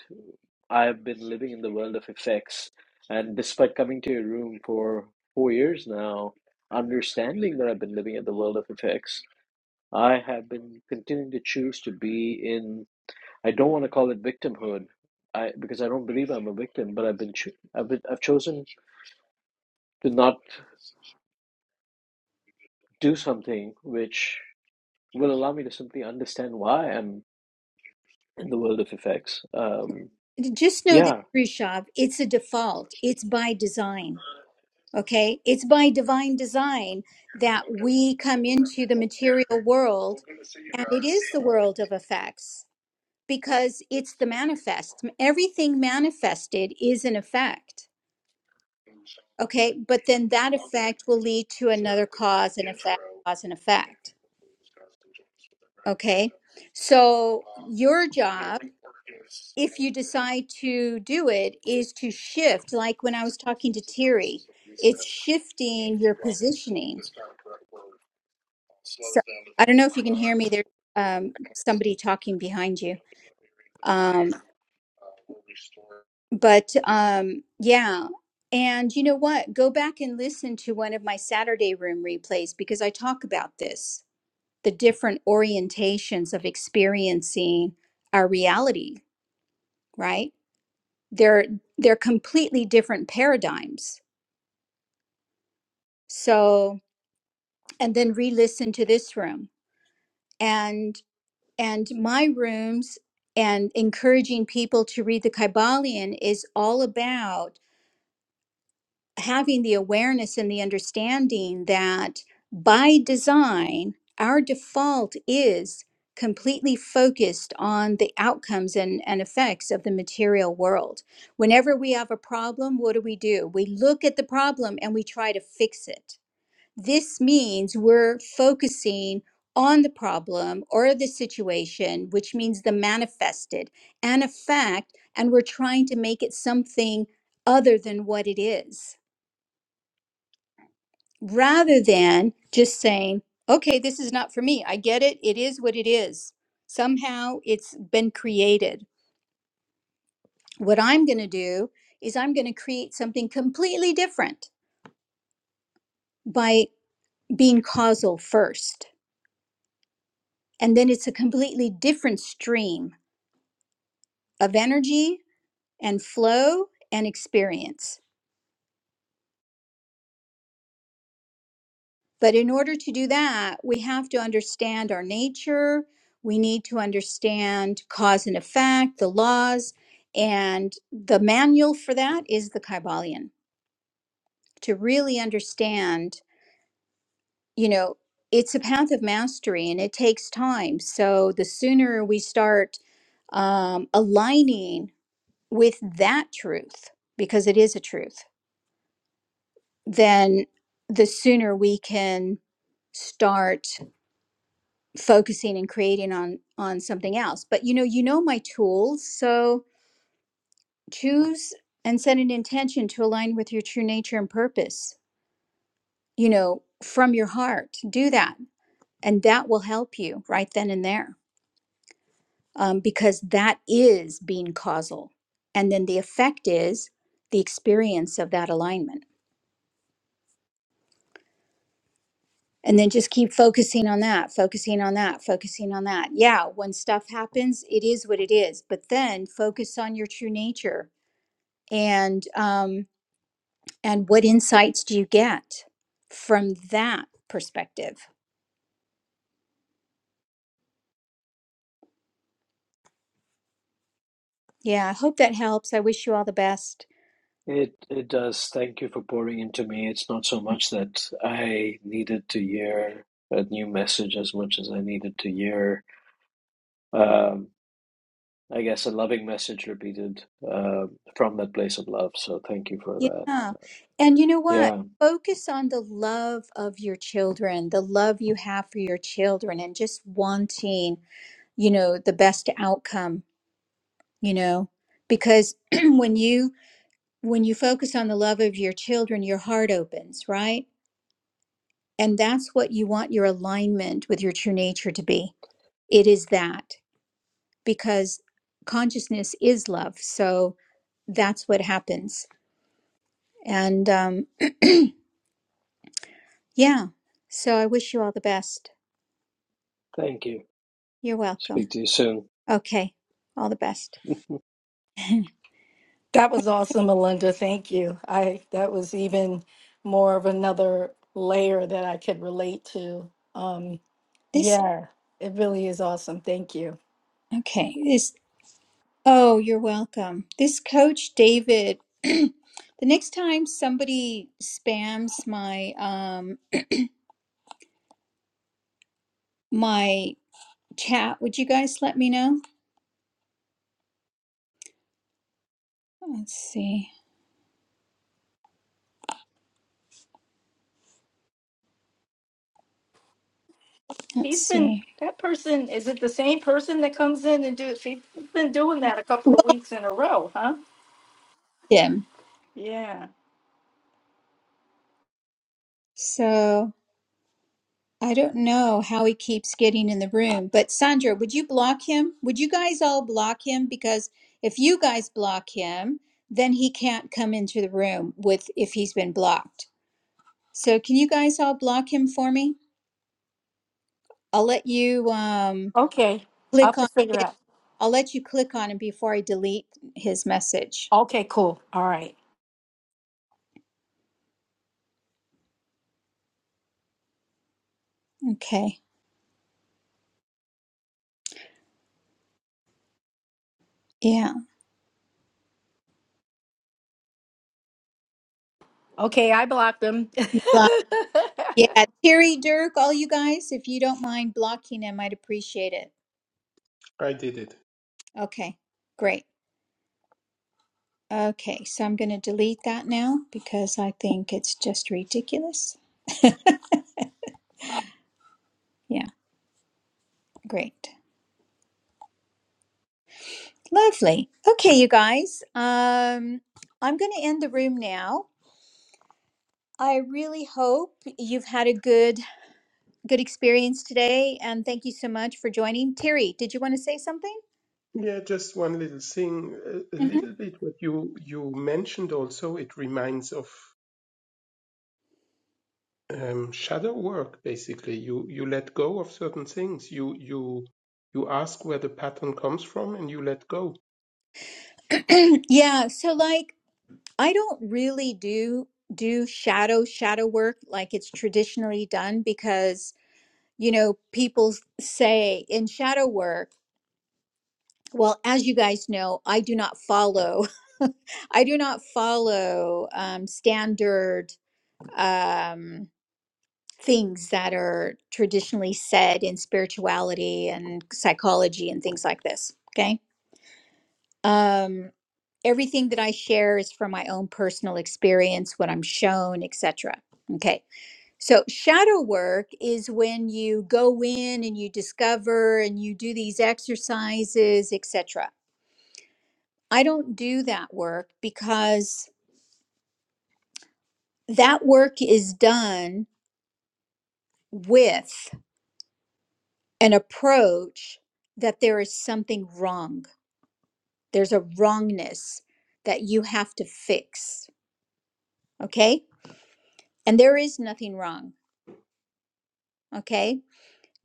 S5: I have been living in the world of effects, and despite coming to your room for four years now, understanding that I've been living in the world of effects, I have been continuing to choose to be in. I don't want to call it victimhood, I because I don't believe I'm a victim, but I've been, cho- I've been I've chosen to not do something which will allow me to simply understand why I'm in the world of effects. Um,
S1: just know this,
S5: yeah,
S1: Rishabh, it's a default, it's by design. Okay. It's by divine design that we come into the material world, and it is the world of effects because it's the manifest. Everything manifested is an effect. Okay. But then that effect will lead to another cause and effect, cause and effect. Okay. So your job, if you decide to do it, is to shift. Like when I was talking to Terry, it's shifting your positioning. So I don't know if you can hear me. There's um, somebody talking behind you. Um, But um, yeah. And you know what? Go back and listen to one of my Saturday room replays because I talk about this the different orientations of experiencing our reality, right? They're they're completely different paradigms. So, and then re-listen to this room and and my rooms and encouraging people to read the Kybalion is all about having the awareness and the understanding that by design, our default is completely focused on the outcomes and, and effects of the material world. Whenever we have a problem, what do we do? We look at the problem and we try to fix it. This means we're focusing on the problem or the situation, which means the manifested and a fact, and we're trying to make it something other than what it is rather than just saying, okay, this is not for me. I get it. It is what it is. Somehow it's been created. What I'm going to do is I'm going to create something completely different by being causal first. And then it's a completely different stream of energy and flow and experience. But in order to do that, we have to understand our nature. We need to understand cause and effect, the laws, and the manual for that is the Kybalion. To really understand, you know, it's a path of mastery and it takes time. So the sooner we start um, aligning with that truth, because it is a truth, then the sooner we can start focusing and creating on on something else but you know you know my tools so choose and set an intention to align with your true nature and purpose you know from your heart do that and that will help you right then and there um, because that is being causal and then the effect is the experience of that alignment and then just keep focusing on that focusing on that focusing on that yeah when stuff happens it is what it is but then focus on your true nature and um, and what insights do you get from that perspective yeah i hope that helps i wish you all the best
S5: It it does. Thank you for pouring into me. It's not so much that I needed to hear a new message as much as I needed to hear, um, I guess, a loving message repeated uh, from that place of love. So thank you for that.
S1: yeah and you know what
S5: Yeah,
S1: focus on the love of your children the love you have for your children and just wanting you know the best outcome you know because when you when you focus on the love of your children your heart opens right and that's what you want your alignment with your true nature to be it is that because consciousness is love. So that's what happens. And um, yeah, so I wish you all the best.
S5: thank you.
S1: You're welcome.
S5: Speak to you soon.
S1: Okay, all the best.
S4: That was awesome, Melinda. Thank you. I that was even more of another layer that I could relate to. Um,
S1: This,
S4: Yeah, it really is awesome. Thank you.
S1: okay, this, oh, you're welcome. This coach, David, the next time somebody spams my, um, my chat, would you guys let me know? Let's see. Let's
S4: He's been
S1: see.
S4: that person. Is it the same person that comes in and do? it? She's been doing that a couple of
S1: Well,
S4: weeks in a row, huh?
S1: Jim.
S4: Yeah.
S1: So. I don't know how he keeps getting in the room, but Sandra, would you block him? Would you guys all block him? Because if you guys block him, then he can't come into the room with if he's been blocked. So can you guys all block him for me? I'll let you um,
S4: Okay, I'll
S1: click
S4: have to
S1: on
S4: figure
S1: it.
S4: out.
S1: I'll let you click on him before I delete his message.
S4: Okay, cool. All right.
S1: Okay. Yeah.
S4: Okay, I blocked them.
S1: Block. Yeah. Terry, Dirk, all you guys, if you don't mind blocking him, I'd appreciate it.
S2: I did it.
S1: Okay. Great. Okay, so I'm going to delete that now because I think it's just ridiculous. Yeah, great. Lovely. Okay, you guys. Um I'm going to end the room now. I really hope you've had a good good experience today and thank you so much for joining. Terry, did you want to say something?
S2: Yeah, just one little thing. A a little bit what you you mentioned also. It reminds of um, shadow work. Basically, you you let go of certain things. You you you ask where the pattern comes from, and you let go.
S1: hmm yeah, so like I don't really do do shadow shadow work like it's traditionally done because you know people say in shadow work Well, as you guys know, I do not follow. I do not follow um, standard um, things that are traditionally said in spirituality and psychology and things like this. Okay. Um, everything that I share is from my own personal experience, what I'm shown, etc. Okay. So shadow work is when you go in and you discover and you do these exercises, etc I don't do that work because that work is done with an approach that there is something wrong. There's a wrongness that you have to fix. Okay. And there is nothing wrong. Okay.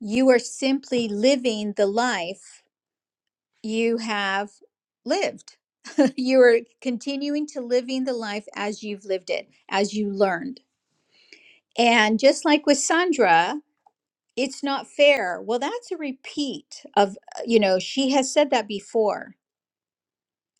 S1: You are simply living the life you have lived. you are continuing to living the life as you've lived it, as you learned. And just like with Sandra, it's not fair. Well, that's a repeat of, uh, you know, she has said that before.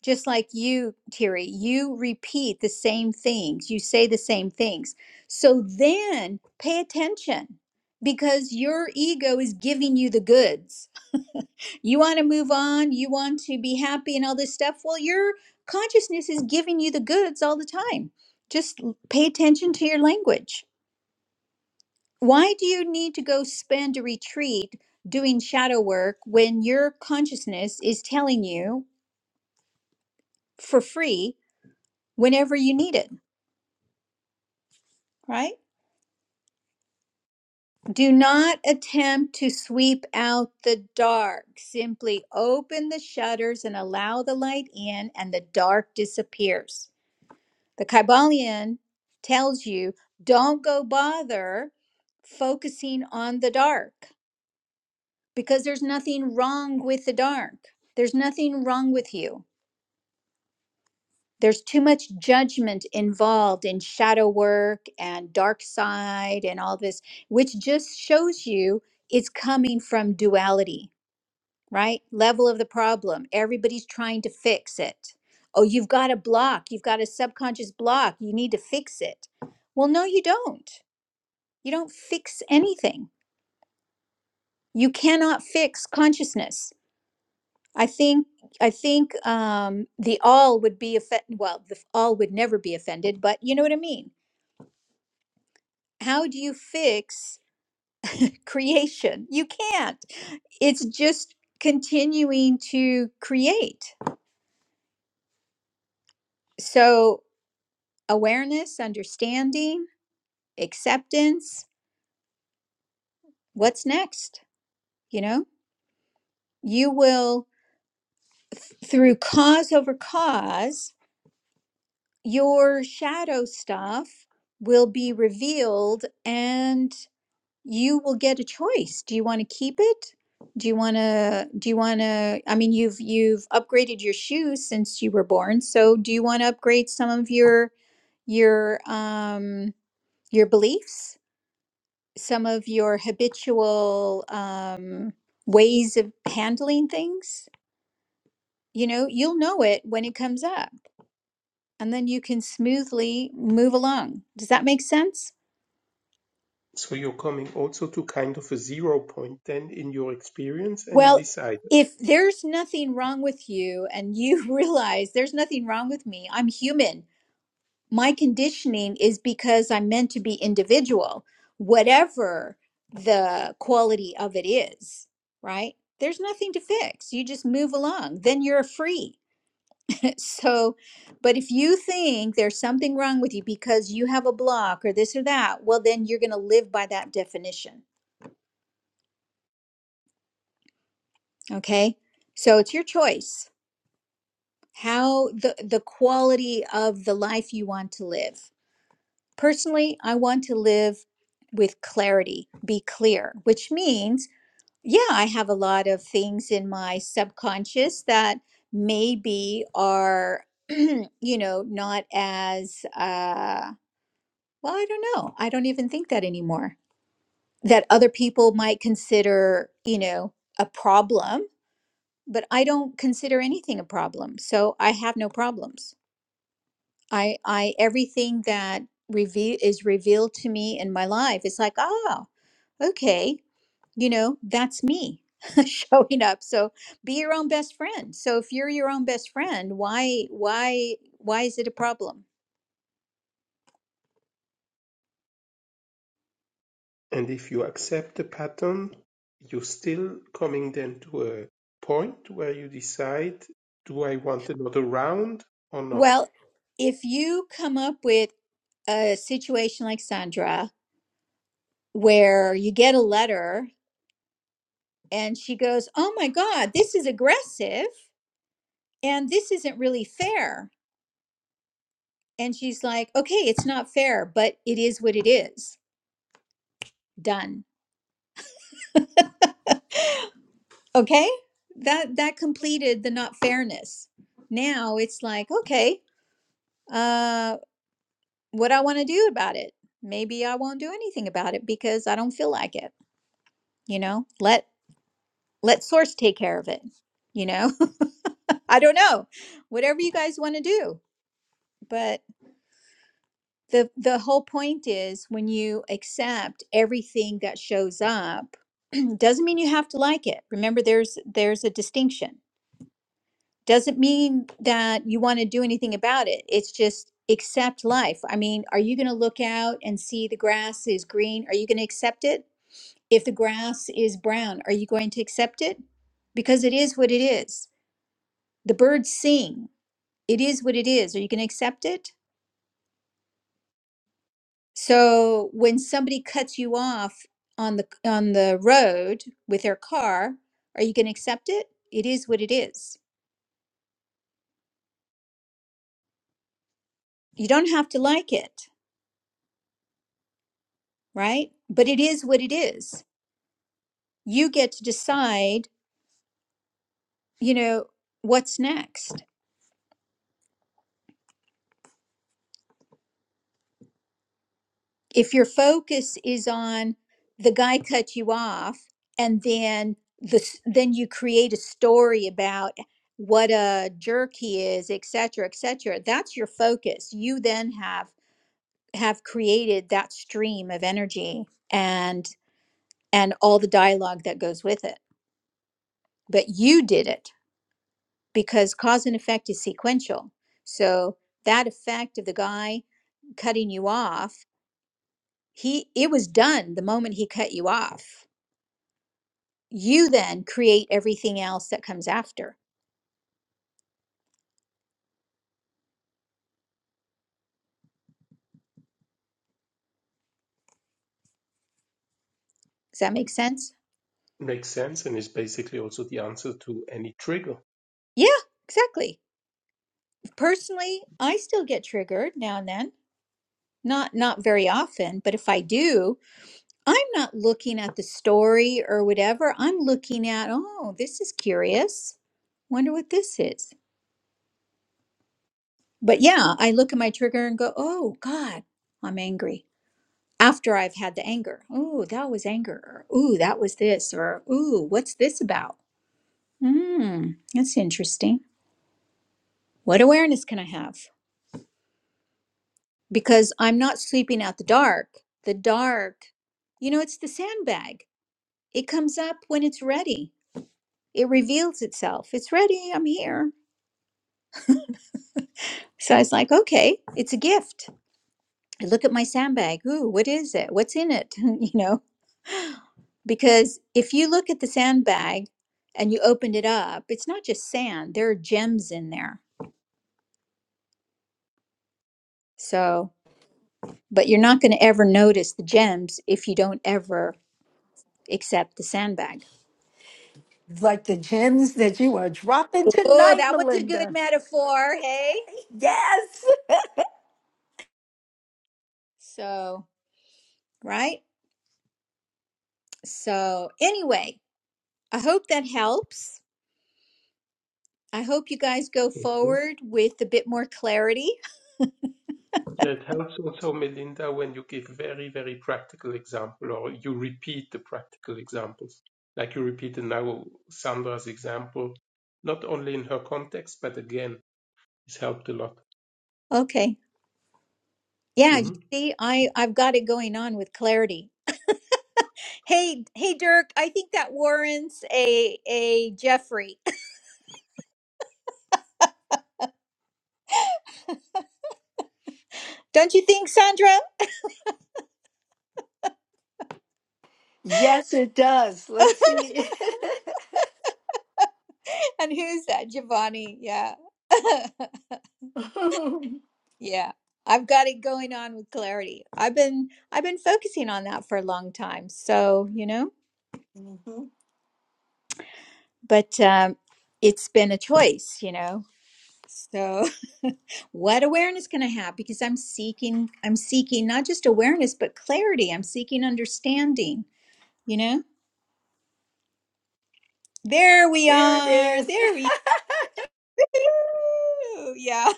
S1: Just like you, Terry, you repeat the same things, you say the same things. So then pay attention because your ego is giving you the goods. you want to move on, you want to be happy and all this stuff. Well, your consciousness is giving you the goods all the time. Just l- pay attention to your language why do you need to go spend a retreat doing shadow work when your consciousness is telling you for free whenever you need it, right? Do not attempt to sweep out the dark. Simply open the shutters and allow the light in, and the dark disappears. The Kybalion tells you don't go bother focusing on the dark because there's nothing wrong with the dark. There's nothing wrong with you there's too much judgment involved in shadow work and dark side and all this, which just shows you it's coming from duality, right? Level of the problem. Everybody's trying to fix it. Oh, you've got a block. You've got a subconscious block. You need to fix it. Well, no, you don't. You don't fix anything. You cannot fix consciousness. I think I think um, the all would be offended. Well, the all would never be offended, but you know what I mean how do you fix creation? You can't. It's just continuing to create. So, awareness, understanding, acceptance, what's next? You know, you will, th- through cause over cause, your shadow stuff will be revealed and. you will get a choice. Do you want to keep it? Do you want to do you want to I mean you've you've upgraded your shoes since you were born, so do you want to upgrade some of your your um your beliefs, some of your habitual um ways of handling things? You know, you'll know it when it comes up and then you can smoothly move along. Does that make sense?
S2: So you're coming also to kind of a zero point then in your experience, and you
S1: Well,
S2: decide.
S1: if there's nothing wrong with you and you realize there's nothing wrong with me, I'm human. My conditioning is because I'm meant to be individual, whatever the quality of it is, right? There's nothing to fix. You just move along. Then you're free. so, but if you think there's something wrong with you because you have a block or this or that, well, then you're going to live by that definition. Okay. So it's your choice how the the quality of the life you want to live personally i want to live with clarity be clear which means yeah i have a lot of things in my subconscious that maybe are you know not as uh well i don't know i don't even think that anymore that other people might consider you know a problem but i don't consider anything a problem so i have no problems I I everything that reveal is revealed to me in my life. It's like, oh, okay, you know, that's me showing up. So be your own best friend. So if you're your own best friend, why why why is it a problem?
S2: And if you accept the pattern, you're still coming then to a point where you decide: Do I want another round or not?
S1: Well, if you come up with a situation like Sandra where you get a letter and she goes, "Oh my god, this is aggressive and this isn't really fair." And she's like, "Okay, it's not fair, but it is what it is. Done." Okay? That that completed the not fairness. Now it's like, "Okay, uh what I want to do about it? Maybe I won't do anything about it because I don't feel like it, you know? Let let source take care of it, you know? I don't know. Whatever you guys want to do. But the the whole point is when you accept everything that shows up doesn't mean you have to like it remember there's there's a distinction doesn't mean that you want to do anything about it it's just accept life i mean are you going to look out and see the grass is green are you going to accept it if the grass is brown are you going to accept it because it is what it is the birds sing it is what it is are you going to accept it So when somebody cuts you off on the on the road with their car, are you going to accept it? It is what it is. You don't have to like it, right? But it is what it is. You get to decide, you know, what's next. If your focus is on the guy cut you off and then the s- then you create a story about what a jerk he is, et cetera, et cetera. That's your focus. You then have have created that stream of energy and and all the dialogue that goes with it but you did it because cause and effect is sequential so that effect of the guy cutting you off he it was done the moment he cut you off you then create everything else that comes after does that make sense
S2: Makes sense and is basically also the answer to any trigger.
S1: yeah exactly personally i still get triggered now and then not not very often but if i do I'm not looking at the story or whatever. I'm looking at, oh, this is curious. Wonder what this is. But yeah, I look at my trigger and go, oh, God, I'm angry. After I've had the anger, oh, that was anger. Or, ooh, that was this. Or, ooh, what's this about? Hmm, that's interesting. What awareness can I have? Because I'm not sleeping at the dark. The dark, you know, it's the sandbag. It comes up when it's ready. It reveals itself. It's ready. I'm here. So I was like, okay, it's a gift. I look at my sandbag. Ooh, what is it? What's in it? you know, because if you look at the sandbag and you opened it up, it's not just sand, there are gems in there. So, but you're not going to ever notice the gems if you don't ever accept the sandbag.
S4: like the gems that you are dropping
S1: Oh,
S4: tonight,
S1: that was a good
S4: Melinda.
S1: metaphor. Hey.
S4: Yes,
S1: So, right. So, anyway, I hope that helps. I hope you guys go
S2: Mhm.
S1: forward with a bit more clarity.
S2: Yeah, It helps also, Melinda, when you give very, very practical example or you repeat the practical examples. Like you repeated now Sandra's example, not only in her context, but again, it's helped a lot.
S1: Okay. Yeah, you
S2: hmm
S1: see, I I've got it going on with clarity. Hey, hey, Dirk, I think that warrants a a Jeffrey. Don't you think, Sandra?
S4: yes, it does. Let's see.
S1: And who's that? Giovanni. Yeah. Yeah. I've got it going on with clarity. I've been I've been focusing on that for a long time. So, you know,
S4: Mhm.
S1: but um it's been a choice, you know. So, what awareness can I have? Because I'm seeking I'm seeking not just awareness, but clarity. I'm seeking understanding you know There we
S4: There it
S1: are.
S4: is.
S1: There we go. Yeah,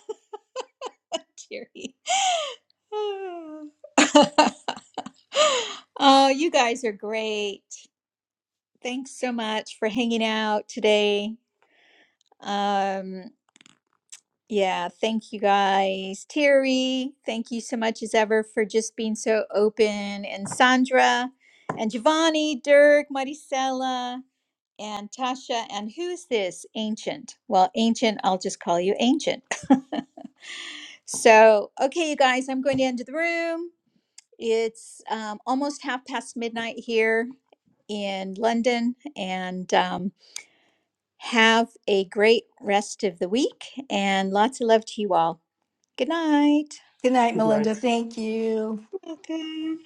S1: teary. oh, Oh, you guys are great. Thanks so much for hanging out today. Um, yeah, thank you guys. Terry, thank you so much as ever for just being so open. And Sandra and Giovanni, Dirk, Maricela, and Tasha. And who's this? Ancient. Well, Ancient, I'll just call you Ancient. So, okay, you guys, I'm going to enter the room. It's um, almost half past midnight here in London, and um, have a great rest of the week and lots of love to you all. Good night.
S4: Good night,
S2: Good night.
S4: Melinda. Thank you.
S1: Welcome.